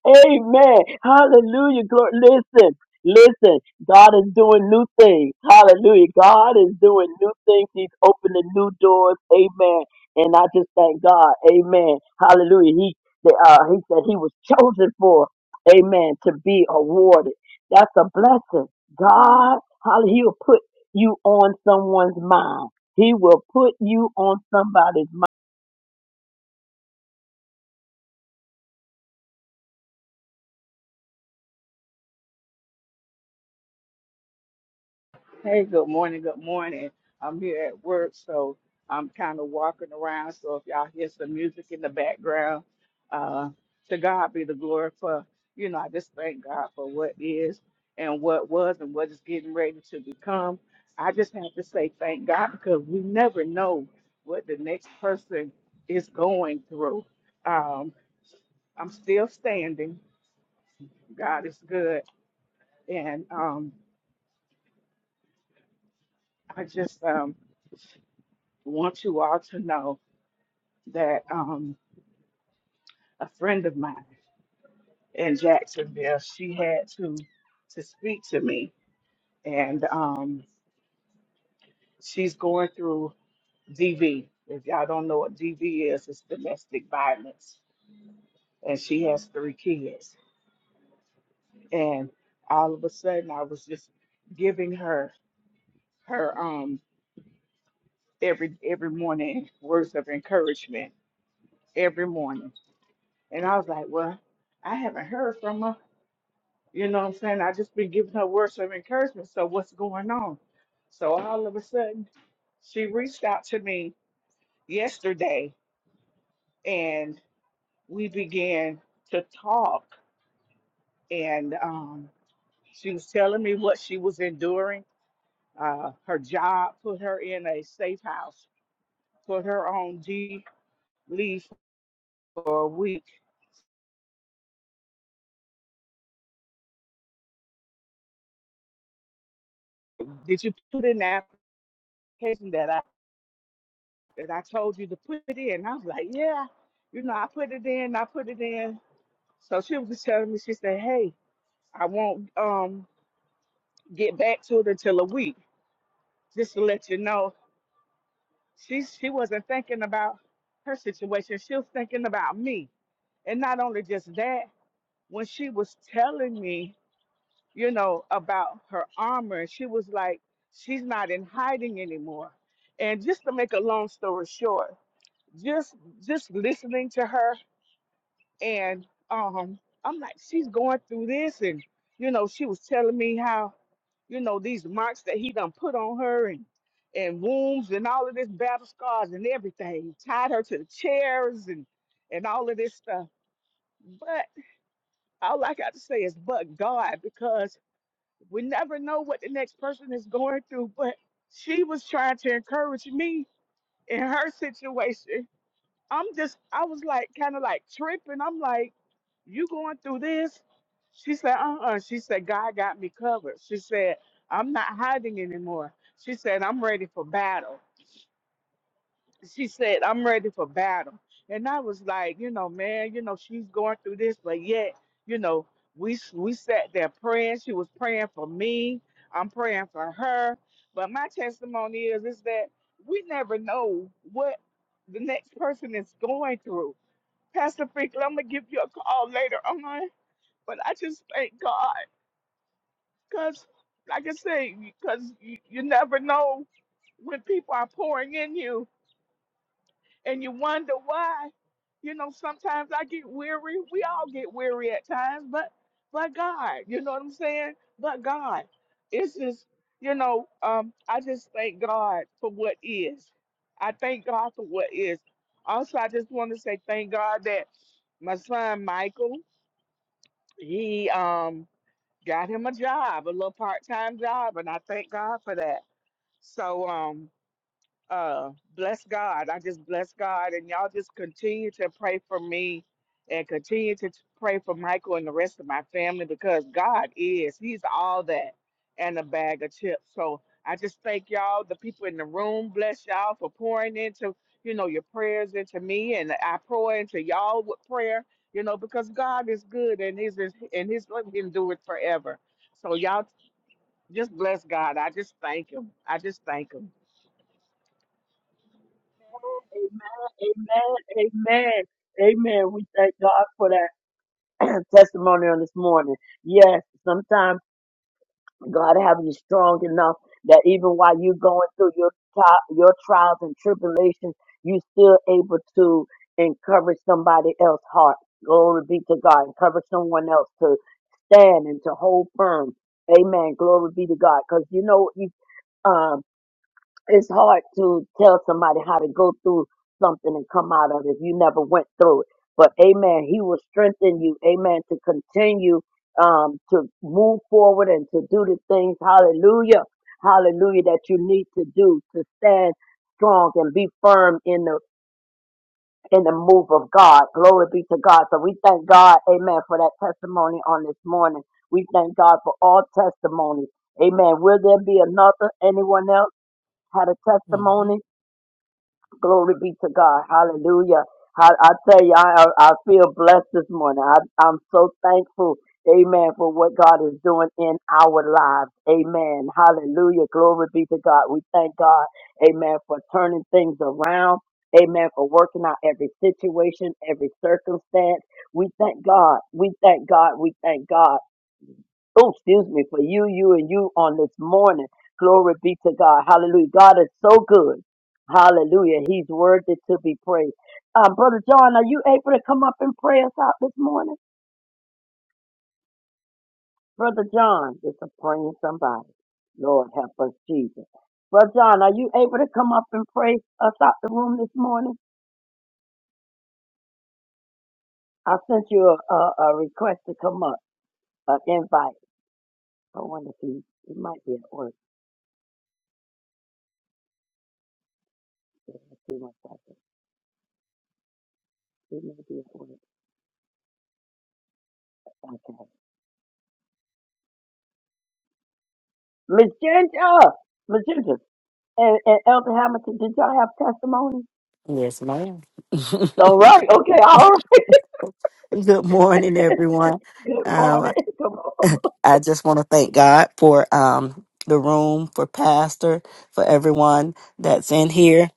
[SPEAKER 2] Amen. Hallelujah. Glory. Listen, listen. God is doing new things. Hallelujah. God is doing new things. He's opening new doors. Amen. And I just thank God. Amen. Hallelujah. He that uh, he said he was chosen for. Amen. To be awarded. That's a blessing. God, how he'll put you on someone's mind. He will put you on somebody's mind.
[SPEAKER 9] Hey, good morning. Good morning. I'm here at work, so I'm kind of walking around. So if y'all hear some music in the background, uh, to God be the glory for, you know, I just thank God for what is and what was and what is getting ready to become. I just have to say thank God because we never know what the next person is going through. Um, I'm still standing. God is good. And um, I just um, want you all to know. that um, a friend of mine in Jacksonville, she had to to speak to me, and um, she's going through DV. If y'all don't know what DV is, it's domestic violence, and she has three kids. And all of a sudden, I was just giving her her um every every morning words of encouragement every morning, and I was like, well. I haven't heard from her. You know what I'm saying? I just been giving her words of encouragement. So what's going on? So all of a sudden, she reached out to me yesterday and we began to talk and um, she was telling me what she was enduring uh, her job put her in a safe house put her on G leave for a week did you put in the application that i that i told you to put it in i was like yeah you know i put it in i put it in So she was just telling me, she said, Hey, I won't um get back to it until a week. Just to let you know. She she wasn't thinking about her situation. She was thinking about me. And not only just that, when she was telling me, you know, about her armor, she was like, She's not in hiding anymore. And just to make a long story short, just just listening to her and um I'm like, she's going through this and you know, she was telling me how, you know, these marks that he done put on her and and wounds and all of this battle scars and everything, tied her to the chairs and and all of this stuff. But all I got to say is but God, because we never know what the next person is going through. But she was trying to encourage me in her situation. I'm just I was like kind of like tripping. I'm like you going through this? She said, uh-uh. She said, God got me covered. She said, I'm not hiding anymore. She said, I'm ready for battle. She said, I'm ready for battle. And I was like, you know, man, you know, she's going through this, but yet, you know, we we sat there praying. She was praying for me. I'm praying for her. But my testimony is is that we never know what the next person is going through. Pastor Franklin, I'm gonna give you a call later on but I just thank God because, like I say, because you, you never know when people are pouring in you and you wonder why. You know, sometimes I get weary. We all get weary at times, but but God, you know what I'm saying? But God, it's just, you know, um, I just thank God for what is. I thank God for what is. Also, I just want to say thank God that my son Michael, he um got him a job, a little part time job, and I thank God for that. So um, uh bless God. I just bless God and y'all just continue to pray for me and continue to t- pray for Michael and the rest of my family because God is he's all that and a bag of chips. So I just thank y'all, the people in the room, bless y'all for pouring into, you know, your prayers into me and I pour into y'all with prayer, you know, because God is good and his and his love can do it forever. So y'all just bless God. I just thank him. I just thank him.
[SPEAKER 2] Amen. Amen. Amen. Amen. We thank God for that. testimony on this morning. Yes, sometimes God have you strong enough that even while you're going through your tri- your trials and tribulations, you still able to encourage somebody else's heart. Glory be to God. Encourage someone else to stand and to hold firm. Amen. Glory be to God. Because you know, you, um, it's hard to tell somebody how to go through something and come out of it if you never went through it. But amen, he will strengthen you, amen, to continue um to move forward and to do the things, hallelujah, hallelujah, that you need to do to stand strong and be firm in the in the move of God. Glory be to God. So we thank God, amen, for that testimony on this morning. We thank God for all testimonies. Amen. Will there be another anyone else had a
[SPEAKER 7] hmm
[SPEAKER 2] testimony? Glory be to God. Hallelujah. I, I tell you, I, I I feel blessed this morning. I, I'm so thankful, amen, for what God is doing in our lives. Amen. Hallelujah. Glory be to God. We thank God, amen, for turning things around. Amen. For working out every situation, every circumstance. We thank God. We thank God. We thank God oh, excuse me, for you, you, and you on this morning. Glory be to God. Hallelujah. God is so good. Hallelujah. He's worthy to be praised. Um, Brother John, are you able to come up and pray us out this morning? Brother John, just a praying somebody. Lord help us, Jesus. Brother John, are you able to come up and pray us out the room this morning? I sent you a, a, a request to come up, an invite. I wonder if he, he might be at work. Yeah, I see my happening. He may be at work. Okay. Miss Ginger, Miss Ginger, and, and Elder Hamilton, did y'all have testimony?
[SPEAKER 7] Yes, ma'am.
[SPEAKER 2] All right, okay, all right.
[SPEAKER 7] Good morning, everyone.
[SPEAKER 2] Good morning.
[SPEAKER 7] Um,
[SPEAKER 2] Come on.
[SPEAKER 7] I just want to thank God for um, the room, for Pastor, for everyone that's in here.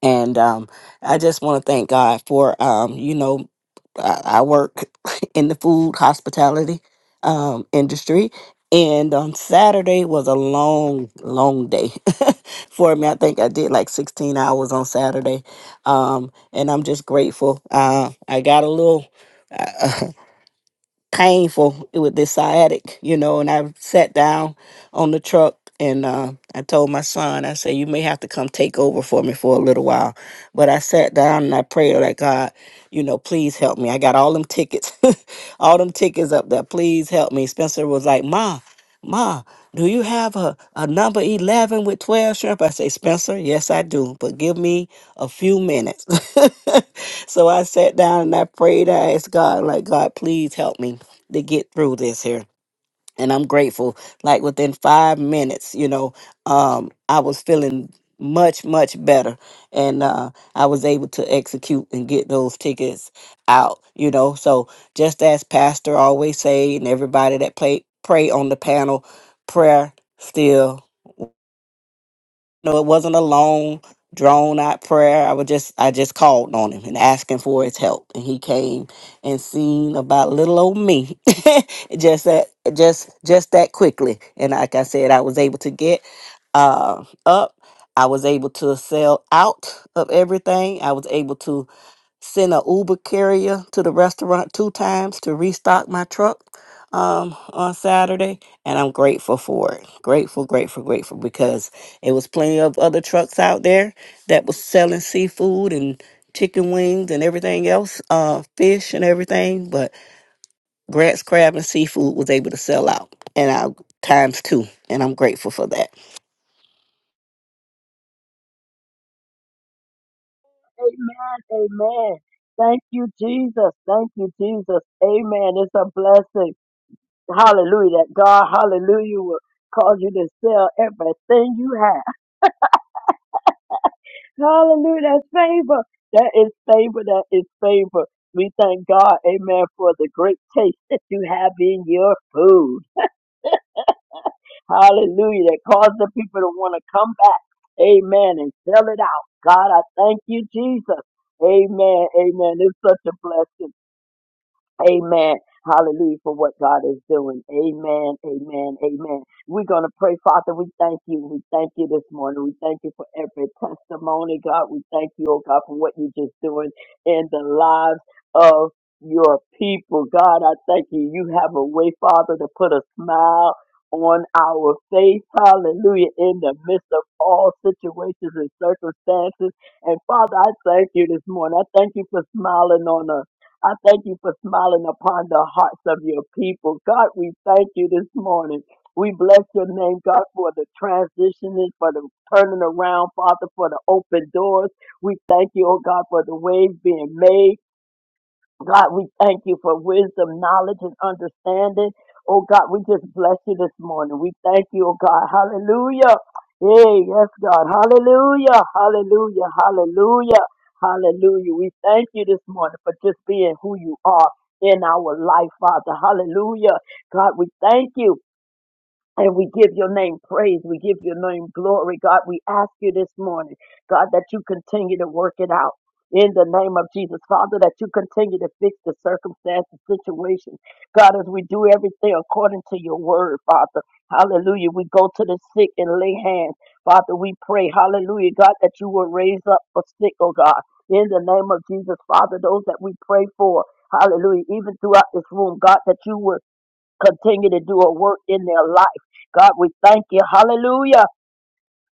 [SPEAKER 7] And um, I just want to thank God for, um, you know, I, I work in the food hospitality um, industry. And on Saturday was a long, long day for me. I think I did like 16 hours on Saturday. Um, and I'm just grateful. Uh, I got a little. painful with this sciatic, you know. And I sat down on the truck and uh, I told my son, I said, You may have to come take over for me for a little while. But I sat down and I prayed, like, God, you know, please help me. I got all them tickets, all them tickets up there. Please help me. Spencer was like, Ma, Ma, do you have a, a number 11 with 12 shrimp? I say, Spencer, yes, I do, but give me a few minutes. so I sat down and I prayed. I asked God, like, God, please help me to get through this here. And I'm grateful. Like within five minutes, you know, um, I was feeling much, much better. And uh, I was able to execute and get those tickets out, you know. So just as Pastor always say, and everybody that play, pray on the panel, prayer still no, it wasn't a long, drawn out prayer. I would just I just called on him and asking for his help. And he came and seen about little old me. just that just just that quickly. And like I said, I was able to get uh up. I was able to sell out of everything. I was able to sent a Uber carrier to the restaurant two times to restock my truck um, on Saturday, and I'm grateful for it. Grateful, grateful, grateful because it was plenty of other trucks out there that was selling seafood and chicken wings and everything else, uh, fish and everything, but Grant's Crab and Seafood was able to sell out, and I times two, and I'm grateful for that.
[SPEAKER 2] Amen, amen. Thank you, Jesus. Thank you, Jesus. Amen. It's a blessing. Hallelujah. That God, hallelujah, will cause you to sell everything you have. Hallelujah. That's favor. That is favor. That is favor. We thank God, amen, for the great taste that you have in your food. Hallelujah. That caused the people to want to come back. Amen. And sell it out. God, I thank you, Jesus. Amen. Amen. It's such a blessing. Amen. Hallelujah for what God is doing. Amen. Amen. Amen. We're going to pray, Father. We thank you. We thank you this morning. We thank you for every testimony, God. We thank you, oh God, for what you're just doing in the lives of your people. God, I thank you. You have a way, Father, to put a smile on our face. Hallelujah. In the midst of all situations and circumstances. And Father, I thank you this morning. I thank you for smiling on us. I thank you for smiling upon the hearts of your people. God, we thank you this morning. We bless your name, God, for the transitioning, for the turning around, Father, for the open doors. We thank you, oh God, for the waves being made. God, we thank you for wisdom, knowledge, and understanding. Oh God, we just bless you this morning. We thank you, oh God. Hallelujah. Hey, yes, God. Hallelujah. Hallelujah. Hallelujah. Hallelujah. We thank you this morning for just being who you are in our life, Father. Hallelujah. God, we thank you. And we give your name praise. We give your name glory. God, we ask you this morning, God, that you continue to work it out. In the name of Jesus, Father, that you continue to fix the circumstance, the situation. God, as we do everything according to your word, Father. Hallelujah. We go to the sick and lay hands. Father, we pray, hallelujah, God, that you will raise up for sick, oh God. In the name of Jesus, Father, those that we pray for, hallelujah, even throughout this room, God, that you will continue to do a work in their life. God, we thank you. Hallelujah.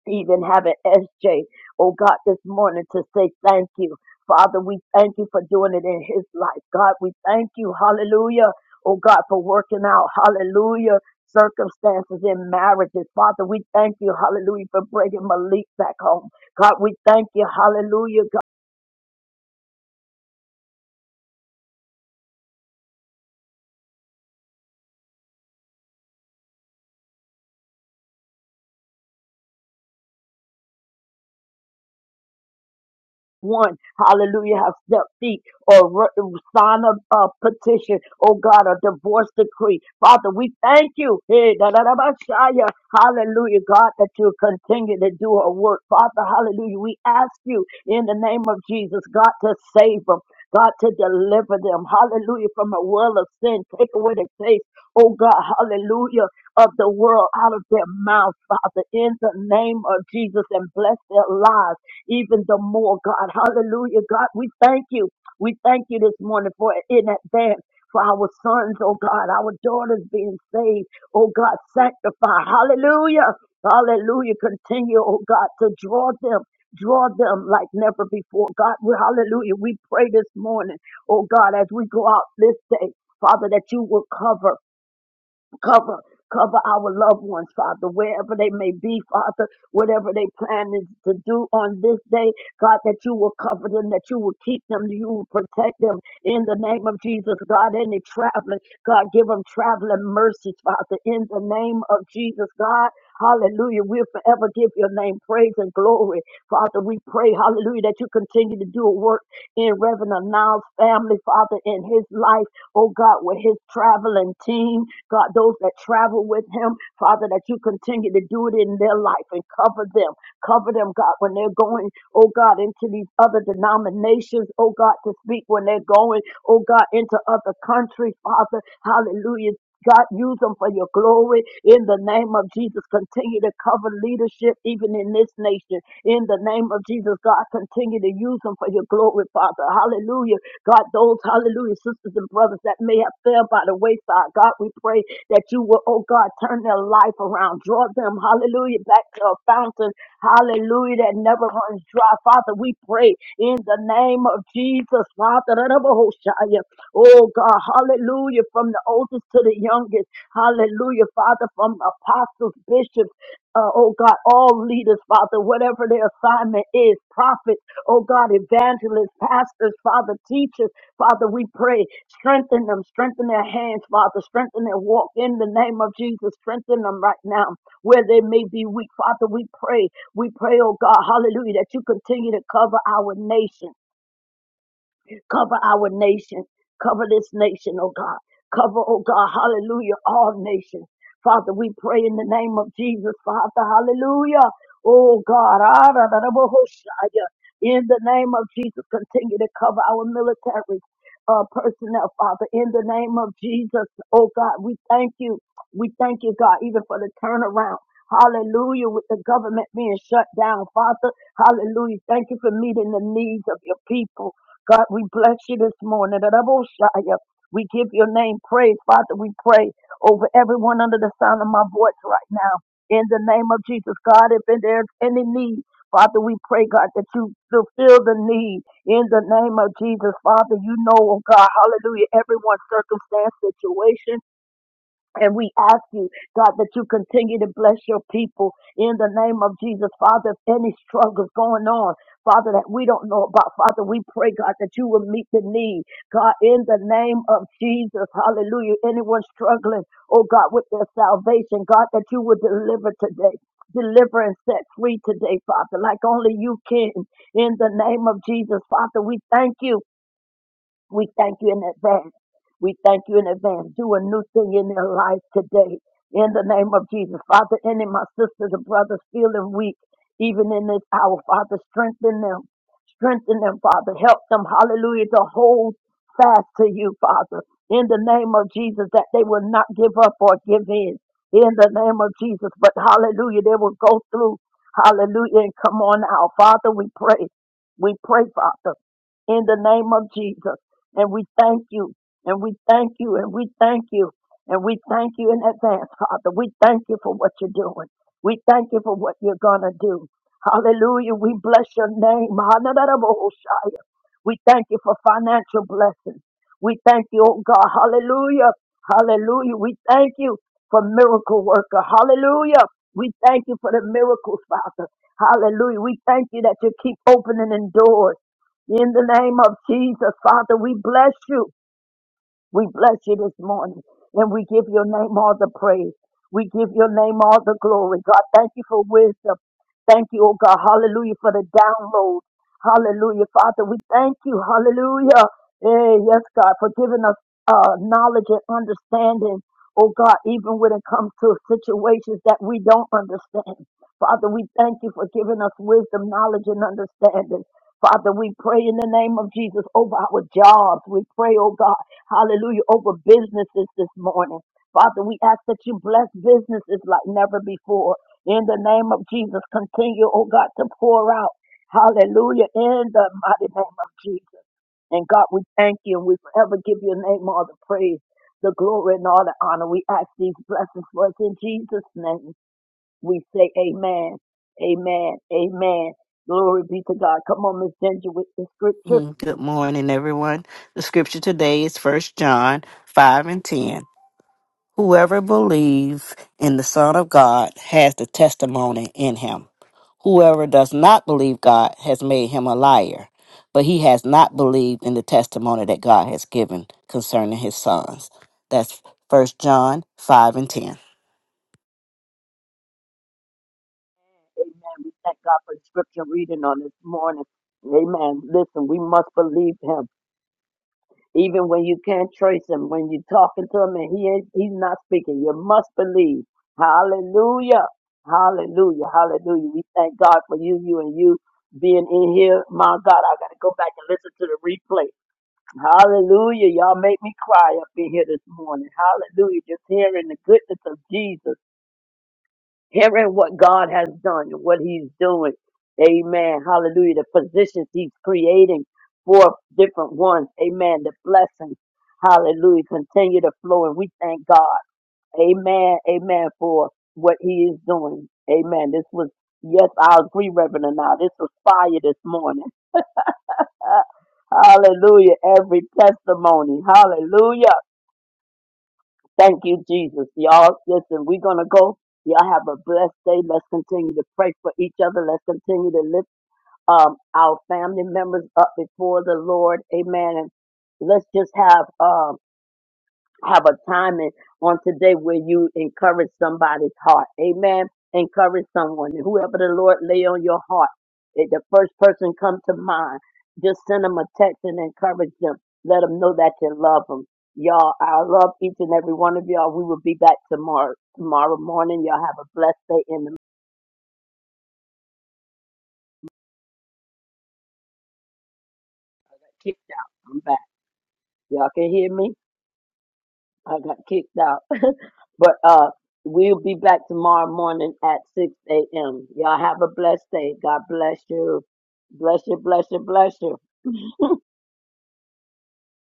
[SPEAKER 2] Even having SJ, oh God, this morning to say thank you. Father, we thank you for doing it in his life. God, we thank you. Hallelujah. Oh God, for working out. Hallelujah. Circumstances in marriages. Father, we thank you. Hallelujah. For bringing Malik back home. God, we thank you. Hallelujah. one, hallelujah, have stepped feet or re- sign a, a petition, oh God, a divorce decree. Father, we thank you. Hey, da, da, da, ba, shaya. Hallelujah, God, that you continue to do a work. Father, hallelujah, we ask you in the name of Jesus, God, to save them. God, to deliver them, hallelujah, from a world of sin. Take away the taste, oh God, hallelujah, of the world out of their mouth, Father, in the name of Jesus, and bless their lives even the more, God. Hallelujah, God. We thank you. We thank you this morning for in advance. For our sons, oh God, our daughters being saved, oh God, sanctify, hallelujah, hallelujah, continue, oh God, to draw them, draw them like never before, God, we, hallelujah, we pray this morning, oh God, as we go out this day, Father, that you will cover. Cover, cover our loved ones, Father, wherever they may be, Father, whatever they plan is to do on this day, God, that you will cover them, that you will keep them, you will protect them in the name of Jesus, God. Any traveling, God, give them traveling mercies, Father, in the name of Jesus, God. Hallelujah. We'll forever give your name praise and glory. Father, we pray, hallelujah, that you continue to do a work in Reverend Anand's family, Father, in his life oh God, with his traveling team, God, those that travel with him, Father, that you continue to do it in their life and cover them, cover them, God, when they're going, oh God, into these other denominations, oh God, to speak when they're going, oh God, into other countries, Father, hallelujah. God, use them for your glory in the name of Jesus. Continue to cover leadership even in this nation. In the name of Jesus, God, continue to use them for your glory, Father. Hallelujah God, those, hallelujah, sisters and brothers that may have fell by the wayside, God, we pray that you will, oh God, turn their life around. Draw them, hallelujah, back to a fountain, hallelujah, that never runs dry. Father, we pray in the name of Jesus, Father, that of a whole Shia. oh God, hallelujah, from the oldest to the youngest, hallelujah, Father, from apostles, bishops, uh, oh God, all leaders, Father, whatever their assignment is, prophets. Oh God, evangelists, pastors, Father, teachers, Father, we pray, strengthen them, strengthen their hands, Father, strengthen their walk in the name of Jesus, strengthen them right now where they may be weak. Father, we pray, we pray, oh God, hallelujah, that you continue to cover our nation. Cover our nation. Cover this nation, oh God. Cover, oh God, hallelujah, all nations. Father, we pray in the name of Jesus, Father, hallelujah. Oh God, ah, da, da, da, bo, ho, shia. in the name of Jesus, continue to cover our military uh, personnel, Father, in the name of Jesus. Oh God, we thank you. We thank you, God, even for the turnaround. Hallelujah, with the government being shut down, Father. Hallelujah. Thank you for meeting the needs of your people. God, we bless you this morning. Raboshaya. We give your name praise, Father. We pray over everyone under the sound of my voice right now. In the name of Jesus, God, if there's any need, Father, we pray, God, that you fulfill the need. In the name of Jesus, Father, you know, oh God, hallelujah, everyone's circumstance, situation. And we ask you, God, that you continue to bless your people in the name of Jesus. Father, if any struggles going on, Father, that we don't know about, Father, we pray, God, that you will meet the need. God, in the name of Jesus, hallelujah. Anyone struggling, oh God, with their salvation, God, that you will deliver today. Deliver and set free today, Father, like only you can. In the name of Jesus, Father, we thank you we thank you in advance. We thank you in advance. Do a new thing in their life today. In the name of Jesus. Father, any of my sisters and brothers feeling weak, even in this hour, Father, strengthen them. Strengthen them, Father. Help them, hallelujah, to hold fast to you, Father. In the name of Jesus, that they will not give up or give in. In the name of Jesus. But hallelujah, they will go through. Hallelujah, and come on out. Father, we pray. We pray, Father in the name of Jesus. And we thank you. And we thank you. And we thank you. And we thank you in advance, Father. We thank you for what you're doing. We thank you for what you're going to do. Hallelujah. We bless your name. Hallelujah. We thank you for financial blessings. We thank you, oh God. Hallelujah. Hallelujah. We thank you for miracle worker. Hallelujah. We thank you for the miracles, Father. Hallelujah. We thank you that you keep opening and doors. In the name of Jesus, Father, we bless you. We bless you this morning and we give your name all the praise. We give your name all the glory. God, thank you for wisdom. Thank you, oh God. Hallelujah for the download. Hallelujah, Father. We thank you. Hallelujah. Hey, yes, God, for giving us uh, knowledge and understanding. Oh God, even when it comes to situations that we don't understand. Father, we thank you for giving us wisdom, knowledge, and understanding. Father, we pray in the name of Jesus over our jobs. We pray, oh God hallelujah, over businesses this morning. Father, we ask that you bless businesses like never before. In the name of Jesus, continue, oh God, to pour out. Hallelujah, in the mighty name of Jesus. And God, we thank you and we forever give your name all the praise, the glory, and all the honor. We ask these blessings for us in Jesus' name. We say amen, amen, amen. Glory be to God. Come on, Miss Ginger, with the scripture.
[SPEAKER 7] Mm, Good morning, everyone. The scripture today is First John 5 and 10. Whoever believes in the Son of God has the testimony in him. Whoever does not believe God has made him a liar, but he has not believed in the testimony that God has given concerning his sons. That's First John 5 and 10.
[SPEAKER 2] Amen. We thank God for the scripture reading on this morning. Amen. Listen, we must believe him. Even when you can't trace him, when you're talking to him and he ain't, he's not speaking, you must believe. Hallelujah. Hallelujah. Hallelujah. We thank God for you, you and you being in here. My God, I got to go back and listen to the replay. Hallelujah. Y'all make me cry up in here this morning. Hallelujah. Just hearing the goodness of Jesus hearing what God has done and what He's doing. Amen. Hallelujah. The positions He's creating for different ones. Amen. The blessings. Hallelujah. Continue to flow. And we thank God. Amen. Amen. For what He is doing. Amen. This was, yes, I agree, Reverend. Now, this was fire this morning. Hallelujah. Every testimony. Hallelujah. Thank you, Jesus. Y'all, listen, we're going to go. Y'all have a blessed day. Let's continue to pray for each other. Let's continue to lift um, our family members up before the Lord. Amen. And let's just have um, have a time in, on today where you encourage somebody's heart. Amen. Encourage someone. Whoever the Lord lay on your heart, if the first person come to mind, just send them a text and encourage them. Let them know that you love them. Y'all, I love each and every one of y'all. We will be back tomorrow, tomorrow morning. Y'all have a blessed day in the kicked out. I'm back. Y'all can hear me? I got kicked out. but uh, we'll be back tomorrow morning at 6 a.m. Y'all have a blessed day. God bless you. Bless you, bless you, bless you.